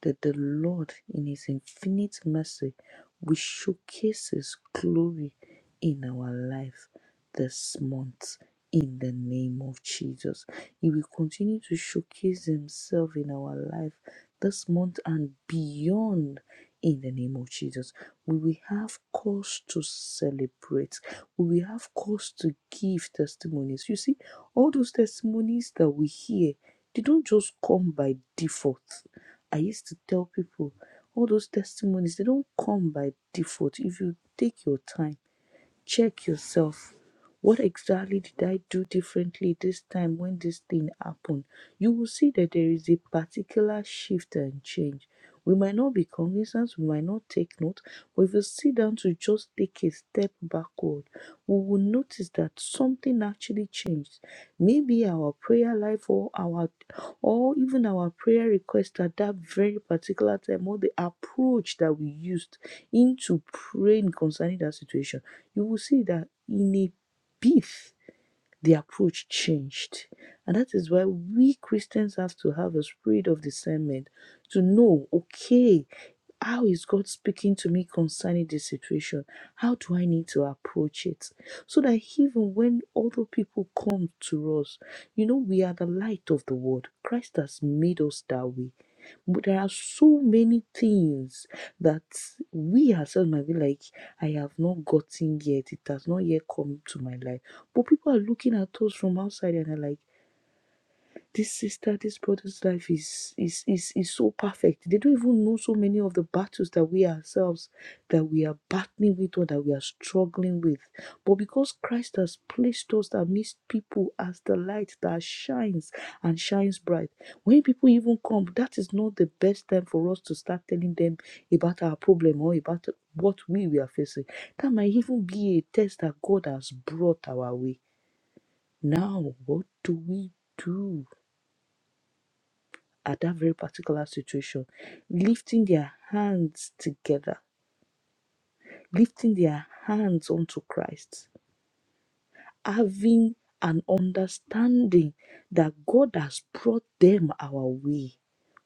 C: that the Lord, in His infinite mercy, will showcase His glory in our life this month. In the name of Jesus, He will continue to showcase Himself in our life this month and beyond. In the name of Jesus, we will have cause to celebrate. We will have cause to give testimonies. You see, all those testimonies that we hear, they don't just come by default I used to tell people all those testimonies, they don't come by default if you take your time check yourself what exactly did i do differently this time when this thing happened you will see that there is a particular shift and change we might not be cognizant we might not take note but if you sit down to just take a step backward we will notice that something actually changed maybe our prayer life or our or even our prayer request at that very particular time or the approach that we used into praying concerning that situation you will see that in a beef, the approach changed. And that is why we Christians have to have a spirit of discernment to know okay, how is God speaking to me concerning this situation? How do I need to approach it? So that even when other people come to us, you know, we are the light of the world. Christ has made us that way. But there are so many things that we ourselves might be like, I have not gotten yet. It has not yet come to my life. But people are looking at us from outside and are like, this sister, this brother's life is, is is is so perfect. They don't even know so many of the battles that we ourselves that we are battling with or that we are struggling with. But because Christ has placed us amidst people as the light that shines and shines bright, when people even come, that is not the best time for us to start telling them about our problem or about what we, we are facing. That might even be a test that God has brought our way. Now, what do we do? at that very particular situation, lifting their hands together, lifting their hands onto Christ having an understanding that God has brought them our way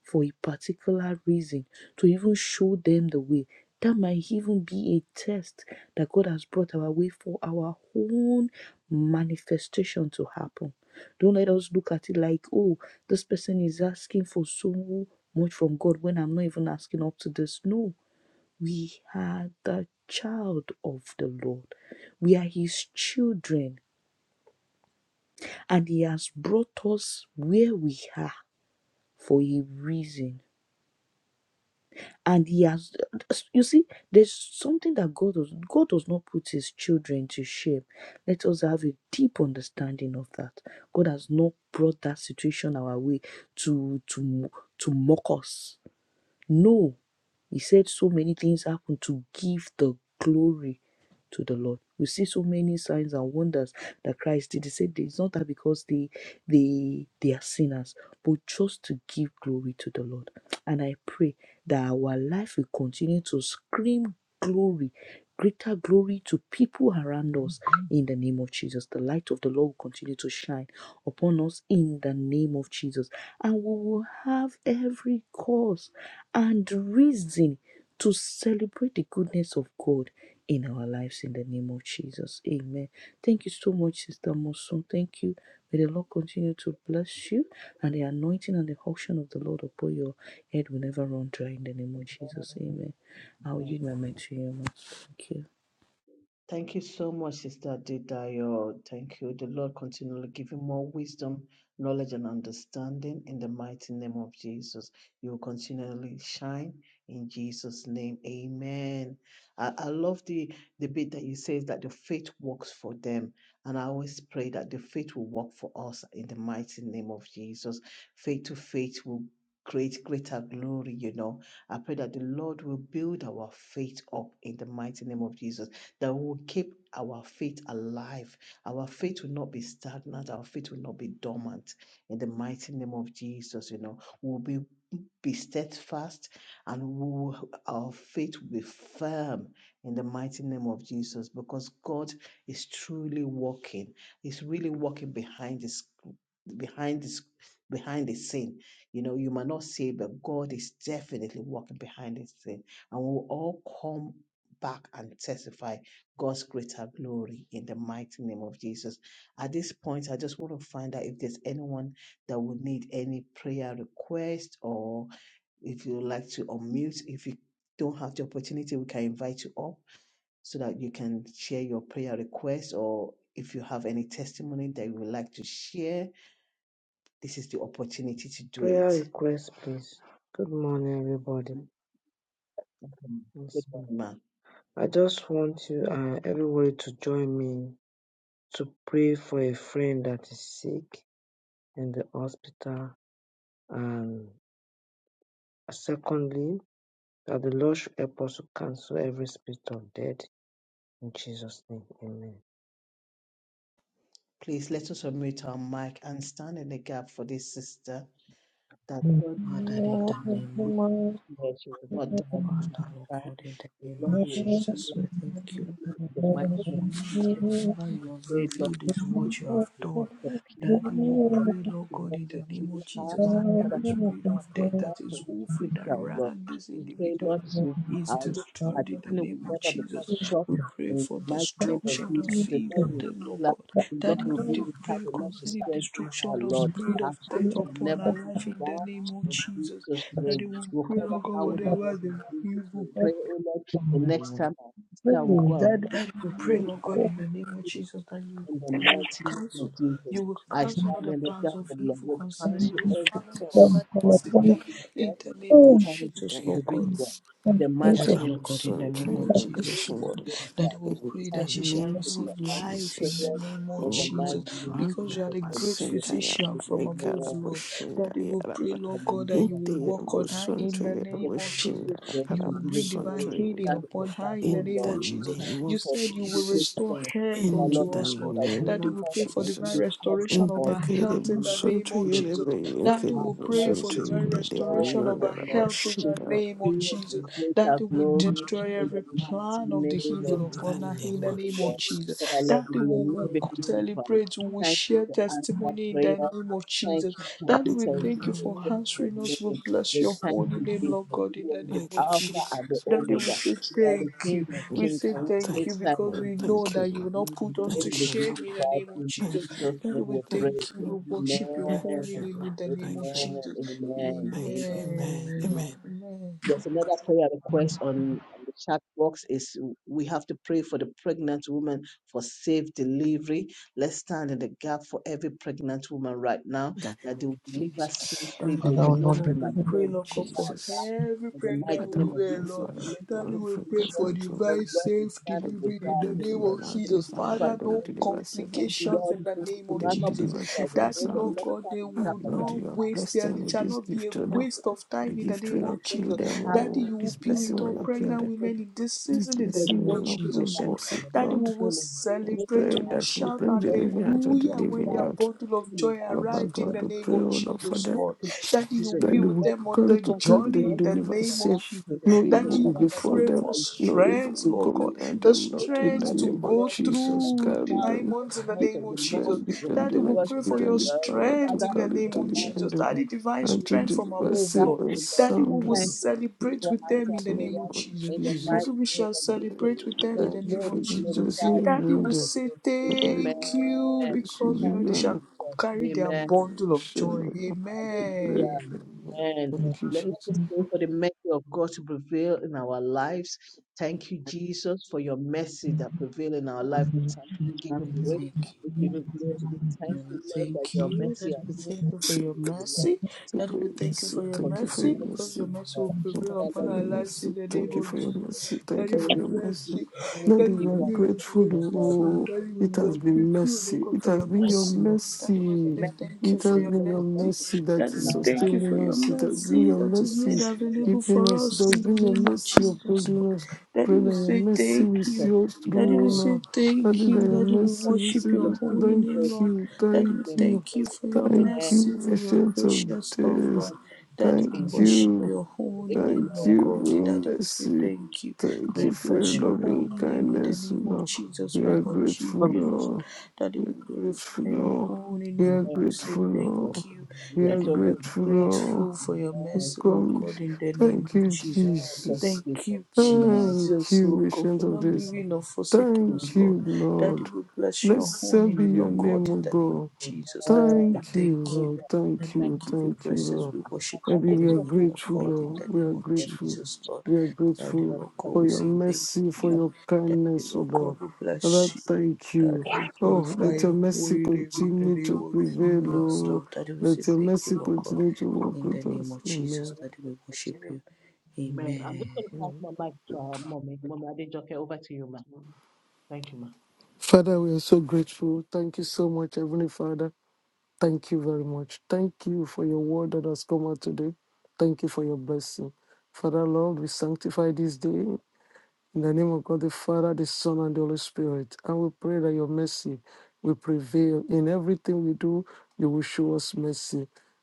C: for a particular reason to even show them the way. That might even be a test that God has brought our way for our own manifestation to happen. Don't let us look at it like, oh, this person is asking for so much from God when I'm not even asking up to this. No, we are the child of the Lord, we are His children and He has brought us where we are for a reason. And He has, you see, there's something that God does. God does not put His children to shame. Let us have a deep understanding of that. God has not brought that situation our way to to to mock us. No, he said so many things happened to give the glory to the Lord. We see so many signs and wonders that Christ did. He said it's not that because they they they are sinners, but just to give glory to the Lord. And I pray that our life will continue to scream glory, greater glory to people around us in the name of Jesus. The light of the Lord will continue to shine upon us in the name of Jesus and we will have every cause and reason to celebrate the goodness of God in our lives in the name of Jesus. Amen. Thank you so much, Sister Mosun. Thank you. May the Lord continue to bless you and the anointing and the unction of the Lord upon your head will never run dry in the name of Jesus. Amen. I will give my mind to you, ma. Thank you.
A: Thank you so much, Sister Didayo. Thank you. The Lord continually give you more wisdom, knowledge, and understanding in the mighty name of Jesus. You will continually shine in Jesus' name. Amen. I, I love the, the bit that you says that the faith works for them. And I always pray that the faith will work for us in the mighty name of Jesus. Faith to faith will create greater glory, you know. I pray that the Lord will build our faith up in the mighty name of Jesus that we will keep our faith alive. Our faith will not be stagnant. Our faith will not be dormant. In the mighty name of Jesus, you know, we'll be be steadfast and we will, our faith will be firm in the mighty name of Jesus because God is truly working. He's really working behind this behind this behind the scene. You know, you might not see it, but God is definitely working behind the scene. And we'll all come back and testify God's greater glory in the mighty name of Jesus. At this point, I just want to find out if there's anyone that would need any prayer request or if you like to unmute, if you don't have the opportunity, we can invite you up so that you can share your prayer request or if you have any testimony that you would like to share, this is the opportunity to do it.
B: Prayer request, please. Good morning, everybody.
A: Mm. Good
B: Yes, ma'am.
A: morning, ma'am.
B: I just want you, uh, everybody, to join me to pray for a friend that is sick in the hospital. And uh, secondly, that the Lord should help us to cancel every spirit of death in Jesus' name. Amen.
A: Please let us unmute our mic and stand in the gap for this sister that
D: Father,
A: God
C: Father, in
D: O
C: the
D: Lord,
C: name of
D: we
A: she will
D: thank
A: not
D: you
A: die
D: for
C: Father,
A: before
C: Lord
A: her time.
C: God, in the
A: The
C: name
A: Lord
C: of
A: will heal
C: Jesus, we
A: her
C: thank you
A: in the mighty
C: because
A: name
C: we
A: of
C: know that
A: Jesus.
C: whatever
A: We
C: you have
A: pray, Lord,
C: revealed
A: we
C: is
A: speak
C: what
A: to
C: you
A: the
C: have
A: truth,
C: done.
A: the pain
C: That we will
A: and the
C: pray, Lord
A: the
C: God,
A: Lord
C: in
A: will
C: the name
A: heal
C: of
A: her.
C: Jesus, that
A: Father,
C: every
A: we
C: spirit
A: thank
C: of
A: the
C: death
A: God
C: that
A: for
C: is over
A: this
C: and
A: girl, Lord.
C: around this
A: We pray,
C: individual
A: Lord, you
C: is
A: uh, just I
C: destroyed in the
A: definitely will
C: name of
A: never be
C: Jesus.
A: cut short.
C: We pray
A: In the
C: for
A: mighty name of
C: destruction
A: Jesus,
C: of
A: the Lord
C: evil,
A: will
C: then,
A: heal
C: Lord
A: her.
C: God.
A: The Lord
C: That
A: will
C: we
A: be
C: do
A: with her.
C: pray
A: The Lord will
C: concerning
A: strengthen her,
C: destruction of
A: Lord.
C: spirit
A: Her
C: of death
A: faith will
C: upon
A: never
C: our
A: be
C: life in the
A: down
C: name of
A: in
C: Jesus.
A: Jesus'
C: That
A: name.
C: we will
A: We'll
C: pray,
A: cover
C: Lord God,
A: her with the
C: whatever
A: blood of
C: the
A: Jesus. We
C: evil.
A: pray, oh Lord, the next
B: Amen.
A: time our sister will go and visit,
C: That we will
A: we
C: pray,
A: will be
C: Lord God, in
A: complete
C: the name of Jesus, that you
A: in the
C: you will
A: mighty name of
C: cancel, you
A: Jesus.
C: will
A: I
C: cancel all
A: stand
C: the
A: in the
C: plans
A: gap
C: of
A: of Lord.
C: evil
A: We
C: concerning
A: cancel
C: this
A: every
C: family,
A: form of
C: concerning
E: In
C: this sister,
A: untimely
C: in
A: death,
C: the name of
A: untimely
C: Jesus, Lord God.
A: individual. In the mighty
C: Daddy,
A: name
C: Lord
A: of
C: God, in the
A: Jesus. In
C: name
A: the
C: of
A: name of
C: Jesus, Lord, Daddy, we
A: Jesus.
C: pray
E: the
A: Thank
C: that she
A: you,
C: shall
E: name
A: Jesus,
E: of
A: for
C: receive
A: answering
C: life in
E: Jesus.
C: the
A: prayers.
C: name of
A: In the
C: Jesus,
E: Oh,
A: mighty name of
C: because you are
A: Jesus,
C: the
A: for
C: great
A: healing.
C: physician from above,
A: Amen.
C: Lord. Daddy, we pray, Lord God, that you
A: Hallelujah.
C: will
A: Thank you,
C: work on her
A: Jesus.
C: in the
A: We just
C: name of
A: want to give it
C: Jesus.
A: to praise
C: You
A: to
C: will
A: give it
C: bring
A: to
C: divine
A: glory. We
E: in
C: healing
A: stand in the
C: upon her in
A: oh
C: the name
A: Lord.
E: the
C: of
E: name
C: Jesus.
A: Thank you
C: You
E: of
A: for
C: said you will
E: Jesus.
A: this
C: restore
A: prayer.
C: health
A: For our Lord,
E: In
C: unto
A: you
E: the
C: us,
A: said
C: Lord.
A: I will
E: name
C: Daddy,
A: not
C: we
E: of
A: call
C: pray for
A: upon you
C: divine
E: Jesus.
A: will answer
E: In
C: restoration of
A: us
E: the
C: our
E: name
A: in
C: health in
A: the
E: of
C: the
A: mighty
C: name
E: Jesus.
C: of
A: name of
C: Jesus.
A: Jesus.
C: Daddy,
A: Our
C: we pray
A: health
C: for
A: is
C: divine
A: restored,
C: restoration of
A: oh
C: our
A: Lord.
C: health in
A: To
C: the name of
A: experience
C: Jesus.
A: and greater
C: Daddy, we
A: glory
C: destroy
A: in the
C: every
A: mighty
C: plan of the
A: name of
C: evil
E: In the
C: upon us
A: Jesus,
C: in
E: name
C: the
A: oh
E: of
C: name of
A: Lord.
C: Jesus.
A: For
E: Jesus.
A: our Lord,
C: Daddy,
A: may your
C: we will
A: name be glorified.
C: celebrate, we will
A: Thank you
C: share
A: for answer
C: testimony in the
A: prayer.
C: name of
A: Thank
C: Jesus.
A: you, thank
C: Daddy,
A: you,
C: we
A: thank you.
C: thank you
A: We
C: for
A: pray for
C: answering
A: the
C: us. We
A: name.
C: bless
A: We
C: your
A: thank
C: holy
A: you,
C: name, Lord
A: Jesus.
C: God, in
A: You
C: the
A: are
C: name
A: the
E: Thank
C: of
E: you,
A: Alpha
C: Jesus.
E: Jesus.
A: and the
C: Daddy, we
A: Omega.
C: say
E: Jesus.
A: You are
C: thank
A: the King
C: you.
A: of
C: We
A: Kings.
C: say
A: And we
C: thank
E: Thank
A: say
C: you
E: you,
A: thank
C: because
E: Lord.
A: you,
C: we
A: Jesus.
C: know
E: Thank you,
C: that you
E: Lord.
C: will
A: May
C: not
A: the
C: put us to
A: name
E: Thank
A: be
E: you,
C: shame
E: Lord.
C: in the
A: glorified
C: name of
A: in
E: Thank
C: Jesus.
E: you.
A: Jesus'
C: Daddy,
A: name. We
C: we
A: pray.
E: Thank
C: thank you.
E: you,
C: We
E: Lord.
C: worship your
A: Amen.
E: Thank
C: holy
E: you,
C: name in
E: Lord.
C: the name of
E: Thank you.
A: Amen.
C: Jesus.
A: Amen.
E: Thank you.
A: Amen.
E: Amen.
C: Amen.
A: Amen.
E: Amen.
C: Amen.
A: There's another prayer request on, on the chat box is we have to pray for the pregnant woman for safe delivery. Let's stand in the gap for every pregnant woman right now
E: In the name
A: that
E: of
A: they will deliver
E: Jesus.
A: safely.
C: Daddy,
A: There will
D: the
A: be
C: Lord
A: no
C: God, we
A: premature
E: In the name
C: pray,
E: of
C: Lord God,
A: child
C: for
E: Jesus.
C: every
A: in the mighty
C: pregnant
E: But I
A: name
E: we
A: of
E: pray
C: woman,
A: Jesus. There
C: Lord.
E: for
A: will be no
C: Daddy, we
E: every
C: pray for
A: complication.
E: pregnant
A: The
E: woman,
C: divine
A: Lord will
C: safe
A: stand in
E: every
A: the
C: delivery in
A: gap.
C: the
A: The
E: pregnant
C: name
A: Lord
C: of
E: woman out there,
A: will
C: Jesus.
E: Father,
A: deliver
C: Father,
E: that they will
C: no
A: safely.
E: deliver safe and
A: And the
E: sound.
C: complications
A: Lord
C: in
A: is
C: the
A: going
C: name
A: to
E: They
C: of
E: will
A: man up
C: Jesus.
A: because
E: deliver
A: that
E: safe
A: will
E: and
A: know
C: Daddy,
A: the
C: Lord
E: sound.
A: let's
C: God,
A: stand
C: they
A: in the
E: Ah,
A: gap
C: will
A: on
E: Lord,
A: their
C: not
E: you have
A: behalf.
C: waste
E: blessed
C: their,
E: them
C: it
E: with
C: shall
E: this
C: not be a
E: gift, O Lord.
C: waste of
E: The
C: time in the
E: gift
A: They
E: will
C: name of
E: not
A: will not
E: kill
C: Jesus.
E: them,
A: have
C: Daddy,
E: oh,
C: you
E: this
C: will
A: the
C: be
E: blessing
C: with
E: will
C: all
E: not kill
C: pregnant
E: them.
C: women in this
E: This
C: season in the
A: There is
E: blessing
C: name
A: no
C: of
E: will not
A: serious
E: make
C: Jesus,
E: them
C: Lord.
A: action.
E: sick,
A: The
C: Daddy,
E: Lord.
C: we will
A: massacre was
E: We
A: brutal.
C: celebrate,
E: pray
C: we
A: Uh,
C: will
E: that
A: the
E: we
C: shout
A: people
E: bring
A: had
E: the living out
A: died
E: of the
C: hallelujah when
E: living,
C: their
E: Lord.
C: bundle of
A: in a
C: joy
E: Baba
A: of
C: arrived in
E: God,
C: the
E: we
C: name
A: victory.
E: pray,
C: of
E: O Lord,
A: And
C: Jesus.
E: for
A: the
C: Jesus,
E: them.
C: Lord.
A: massacre of
C: That you will
A: Jesus, a
E: that
C: be
E: they
C: with
E: will
A: love
C: them on
E: carry
C: the
E: to
A: conquered
E: time, they
C: journey
E: will
A: them.
C: in the
E: deliver
A: And the
C: name of
E: safe.
C: Jesus.
A: massacre of
E: No
C: That
E: evil
A: Jesus,
C: you
E: will
A: Father,
C: will
A: Lord, I
E: befall
C: pray
A: pray
E: them.
C: for
A: that you will
E: No
A: begin to
E: evil
C: strength,
E: will
C: Lord God.
E: come
A: speak
E: near
C: The
E: them, Lord.
A: most
E: In the
A: High
C: strength to
A: will
E: name of
C: go
A: bless
E: Jesus,
A: of the
C: through the
E: carry
A: Father,
C: nine
E: them.
A: and the
C: months in the
A: voice
E: Give
C: name
A: of
E: them
A: the
C: of
A: Mom,
C: Jesus.
E: strength, give
A: will
E: them
A: hear
E: the
C: Daddy,
A: the
C: we
A: voice
E: energy,
C: pray
A: of the
E: give
C: for
E: them
C: your
E: the
A: uh, the
E: power to
C: strength
A: Father,
C: in the
E: carry
A: and
C: name
E: to
A: the
C: of
E: the
A: mighty
E: end
C: Jesus.
A: name
E: of
C: Daddy,
A: of
C: divine
E: and
A: Jesus.
E: to
C: strength from
A: We will
E: deliver
A: give
C: above,
A: God
E: safe
C: Lord.
A: to
E: and
A: the Lord.
C: Daddy, we
E: sound.
C: will
E: In
A: Thank you Jesus,
C: celebrate
A: for
C: with them
A: answer
C: in
E: the
C: the
E: name
C: name of
A: prayers
E: of
C: Jesus.
A: in the
C: Daddy,
E: Jesus,
A: mighty
C: we
A: name
C: shall
A: of Jesus.
C: celebrate with them
A: May
C: in
A: the
C: the
E: thank you
C: name
E: for
A: name
C: of
A: be
E: this
A: glorified
C: Jesus.
E: blessing in
A: in
C: Daddy will
E: order.
A: Jesus'
C: say
E: And we
A: name.
E: will
C: thank
E: give you
C: you
A: Amen.
E: praise, we
C: because we
E: give
C: know
A: Thank
C: they
E: you
A: you,
C: shall
E: an
A: Jesus.
C: carry their
A: Amen.
C: bundle of joy.
E: appreciation.
A: Hallelujah.
C: Amen.
A: Amen.
E: Thank you,
A: Let, let us
E: Jesus.
A: pray for the mercy of God to prevail in our lives. Thank you, Jesus, for your mercy that prevail in our life. We thank you. We give you praise.
C: Thank
A: We
C: you.
A: give you glory. We
C: We
A: thank you, Lord, that
C: Thank
A: your
C: you,
A: mercy
C: Daddy.
A: are
C: We
A: new
C: thank you
A: every
C: for your
A: day, O Lord.
C: mercy.
E: Thank you
C: Daddy,
E: for
A: Thank
E: your
C: we
A: you,
C: thank you
E: mercy.
C: for
A: Jesus,
C: your
A: for
E: Thank
A: your
E: you for
C: mercy
E: your
A: mercy,
C: because your
E: mercy.
A: O
C: mercy
A: Lord.
C: will
E: Thank
C: prevail
E: you
A: Father,
E: for
C: upon
A: Lord,
E: your
C: our
A: we give you
C: lives in
E: mercy.
C: the
E: Thank
C: name
E: you
A: glory
C: of
E: for
A: to
E: your
A: you.
E: mercy.
C: Jesus.
E: Thank
C: Daddy,
E: you
C: we
E: for your
A: We
C: bless
A: give
E: mercy.
C: you.
A: you glory. We
E: Lord,
C: Daddy, we
E: we
A: give
E: are
A: you
C: give you
E: grateful.
A: adoration,
C: praise,
A: O
C: you
A: Lord.
C: Lord.
E: Oh,
A: Thank
C: Daddy, we
E: it has
A: you,
C: walk
A: Jesus,
C: you
E: been
C: through.
E: mercy.
C: Look
E: It
C: for
E: has
C: your
A: for
E: been your
C: mercy, Lord. Daddy, we
A: your
E: mercy.
C: say
A: mercy.
C: thank you
E: It
C: for
A: May
E: has
C: your
E: been
A: your
E: your
C: mercy.
A: mercy
E: mercy
A: prevail
E: that
C: Daddy,
A: in
E: is
C: we thank you
E: sustaining
C: for your
E: us. It has been
C: mercy
E: your
C: that
A: in the
C: is
A: mighty
C: made
E: mercy
A: name of
C: available for
E: keeping us.
A: Jesus.
E: It
C: us
E: has
C: in the
E: been your
C: name of
E: mercy
C: Jesus, Lord.
E: upholding us.
C: Daddy,
E: Pray that
C: we
E: your
C: say
E: mercy
C: thank
E: will
A: Jesus,
E: see
C: you.
E: us
C: Daddy,
E: through, oh
C: we
A: amen.
C: say
E: Lord. Pray
C: thank
E: that
C: you.
E: your
C: Daddy, we
E: mercy
A: Trust
E: will see
C: worship your
A: Jesus,
E: us
A: we
E: through.
A: give
C: holy
A: the
E: Thank
C: name,
A: praise. in
C: Lord.
E: you.
C: Daddy,
A: Jesus,
E: Thank
C: we
A: name,
E: you.
C: thank you for your
E: Thank
A: amen.
C: mercy,
E: you,
C: for your
E: ancient of
C: gracious love,
E: days.
C: Lord.
A: Thank you, Jesus.
C: Daddy,
E: Thank
C: we
A: In Jesus' name,
C: worship
E: you.
A: we
C: your
A: pray.
C: holy name,
E: Thank
C: Lord
A: Amen.
E: you,
C: God.
E: Lord,
C: Daddy, we say
E: mercy.
C: thank you.
E: Thank
C: We
E: you
A: Amen.
E: for your
C: bless
A: Amen.
C: your
E: loving
C: holy name
A: Thank
C: in
A: you,
C: the
E: kindness, O
C: name of
E: Lord.
C: Jesus.
E: We
C: We
E: are
A: Amen.
E: grateful,
C: worship you, Lord.
E: Lord.
C: Daddy, we glorify
E: Grateful,
C: your
E: Lord.
C: holy
E: We
C: name.
E: are
C: Lord.
A: Amen.
C: We
A: Thank
C: say
E: grateful,
A: you, Jesus.
E: Lord.
C: thank you.
E: We
A: We are
E: are
C: Daddy,
A: so
C: we are
A: grateful.
E: grateful,
A: Lord.
E: Lord.
C: grateful for your
E: We
A: Amen. Amen.
C: mercy, Lord
E: Come.
C: God, in the name
E: Thank
C: of
E: you,
C: Jesus.
A: Thank
E: Jesus.
C: Thank
A: you, Jesus. Amen.
C: you,
A: Amen.
E: Thank
C: Jesus,
E: you,
C: Lord God,
E: Ancient
C: for
E: of
A: Amen.
C: not
A: Thank
E: this.
C: leaving or
A: you,
C: forsaking us,
E: Thank
C: Lord.
E: you,
C: Daddy,
E: Lord.
C: we bless your holy
E: Blessed be
C: name,
E: your
C: Lord
E: name,
C: God,
E: O
C: in the name of
A: Jesus.
E: God.
A: Amen.
C: Jesus. Daddy, we
E: Thank you,
C: thank you.
E: Lord.
A: Hallelujah.
E: Thank
C: Daddy, we
A: Thank
E: you.
C: give
A: you,
C: you
E: Thank you,
A: Jesus.
C: praises.
E: Lord.
C: We worship your
A: I'm
E: Maybe
A: just
E: we
C: holy
A: going
E: are
A: to
C: name,
A: thank
C: Lord
E: grateful,
A: God.
C: God, in
E: Lord.
A: Thank
C: the
E: We are
C: name of
A: you,
E: grateful.
A: Jesus.
C: Jesus, Lord.
E: We are
C: Daddy,
E: grateful
A: Amen.
C: Lord
A: Thank
C: God,
E: for
C: we
E: your
C: say thank
E: mercy, for
C: you.
E: your
C: Daddy,
E: kindness, O
C: Lord God,
E: Lord.
C: we bless
E: Lord,
C: you.
E: thank you.
C: Daddy,
A: you,
C: we
E: Oh,
A: Jesus.
C: glorify
E: let your
C: your
E: mercy
C: holy name in the
E: continue
C: name
E: to
C: of
E: prevail,
C: Jesus,
A: Yes.
E: Lord.
C: Lord. Daddy, we
E: Let
C: say
E: your
C: thank you,
E: mercy
C: Lord God,
E: continue to work
C: in the
E: with
C: name
E: us.
C: of Jesus.
E: Amen.
C: Daddy, we worship you.
A: Amen. I'm just
C: Amen.
A: going to pass my mic to our mommy. Mommy, I didn't joke. Over to you, ma. Thank you, ma.
E: Father, we are so grateful. Thank you so much, Heavenly Father. Thank you very much. Thank you for your word that has come out today. Thank you for your blessing. Father, Lord, we sanctify this day in the name of God, the Father, the Son, and the Holy Spirit. And we pray that your mercy will prevail. In everything we do, you will show us mercy.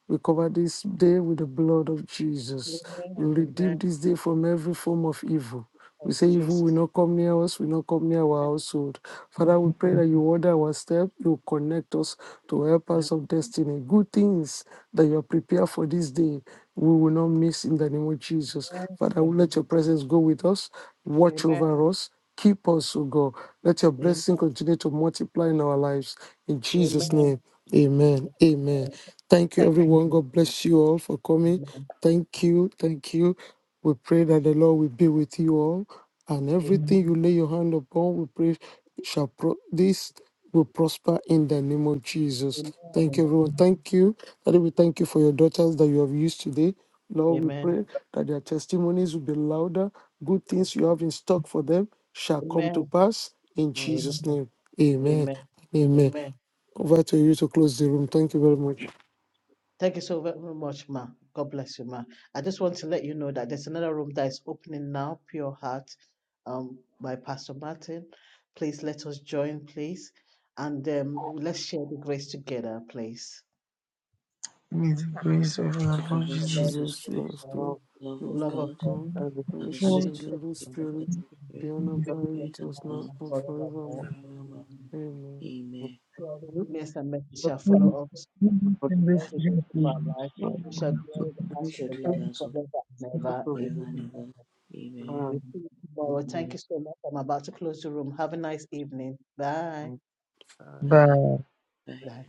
E: We cover this day with the blood of Jesus.
A: Amen.
E: We
A: Amen.
E: redeem this day from every form of evil. We
A: Thank you,
E: say evil
A: Jesus.
E: will not come near us, will not come near our household. Father, we pray that you order our step, you connect us to help
A: Amen.
E: us of destiny. Good things that you are prepared for this day, we will not miss in the name of Jesus.
A: Thank
E: Father,
A: you,
E: let
A: Jesus.
E: your presence go with us, watch
A: Amen.
E: over us, keep us, O God. Let your
A: Amen.
E: blessing continue to multiply in our lives. In Jesus'
A: Amen.
E: name, amen. Amen.
A: Amen.
E: Thank you,
A: Thank
E: everyone.
A: you.
E: God bless you all for coming.
A: Lord.
E: Thank you. Thank you. We pray that the Lord will be with you all and
A: Amen.
E: everything you lay your hand upon, we pray shall pro- this will prosper in the name of Jesus. Thank you, everyone. Thank you. Father, we thank you for your daughters that you have used today. Lord, we
A: Amen. Amen.
E: pray that their testimonies will be louder. Good things you have in stock for them shall come to
A: Amen.
E: pass in
A: Amen.
E: Jesus' name.
B: Amen.
E: Amen.
A: Amen.
E: Amen.
A: Amen.
E: Over to you to close the room. Thank you very much.
A: Thank you so very much, Ma. God bless you, Ma. I just want to let you know that there's another room that is opening now, Pure Heart, um, by Pastor Martin. Please let us join, please. And um, let's share the grace together, please.
D: amazing grace of our
C: To
A: Yes,
C: the
D: Lord
C: Lord
A: the
D: Jesus.
A: Lord,
E: Jesus,
C: Jesus
A: yes,
C: Christ,
E: last
A: Lord.
E: one,
B: Amen.
E: the
C: love
A: The
C: of
A: love
E: love
A: of
E: of
C: God.
A: God
E: God,
B: Thank
C: and the
A: and
E: fellowship
A: the
C: sweet
E: in
D: Lord,
A: sweet
E: the Holy
A: fellowship
C: fellowship
A: of the
C: of the
E: Spirit,
A: Holy
C: Holy
A: Spirit
E: be
C: Spirit
E: and
A: be with
E: abide
C: be
A: us
C: with
E: with
C: us
E: us
A: now
E: now
C: now
A: and
E: and
C: and
A: forevermore.
E: forevermore.
A: Amen.
C: forevermore.
E: Amen.
C: Amen.
A: Surely goodness and mercy shall follow us all the days of our life, and we shall dwell in the
C: And we
A: house of
C: shall
A: the
C: do in
A: Lord
C: the house of
A: forever and ever.
C: the Lord forever and
A: Amen.
C: ever. Amen.
A: we see you tomorrow. Thank you so much. I'm about to close the room. Have a nice evening. Bye.
B: you.
C: Bye.
D: But
C: Bye.
A: Bye.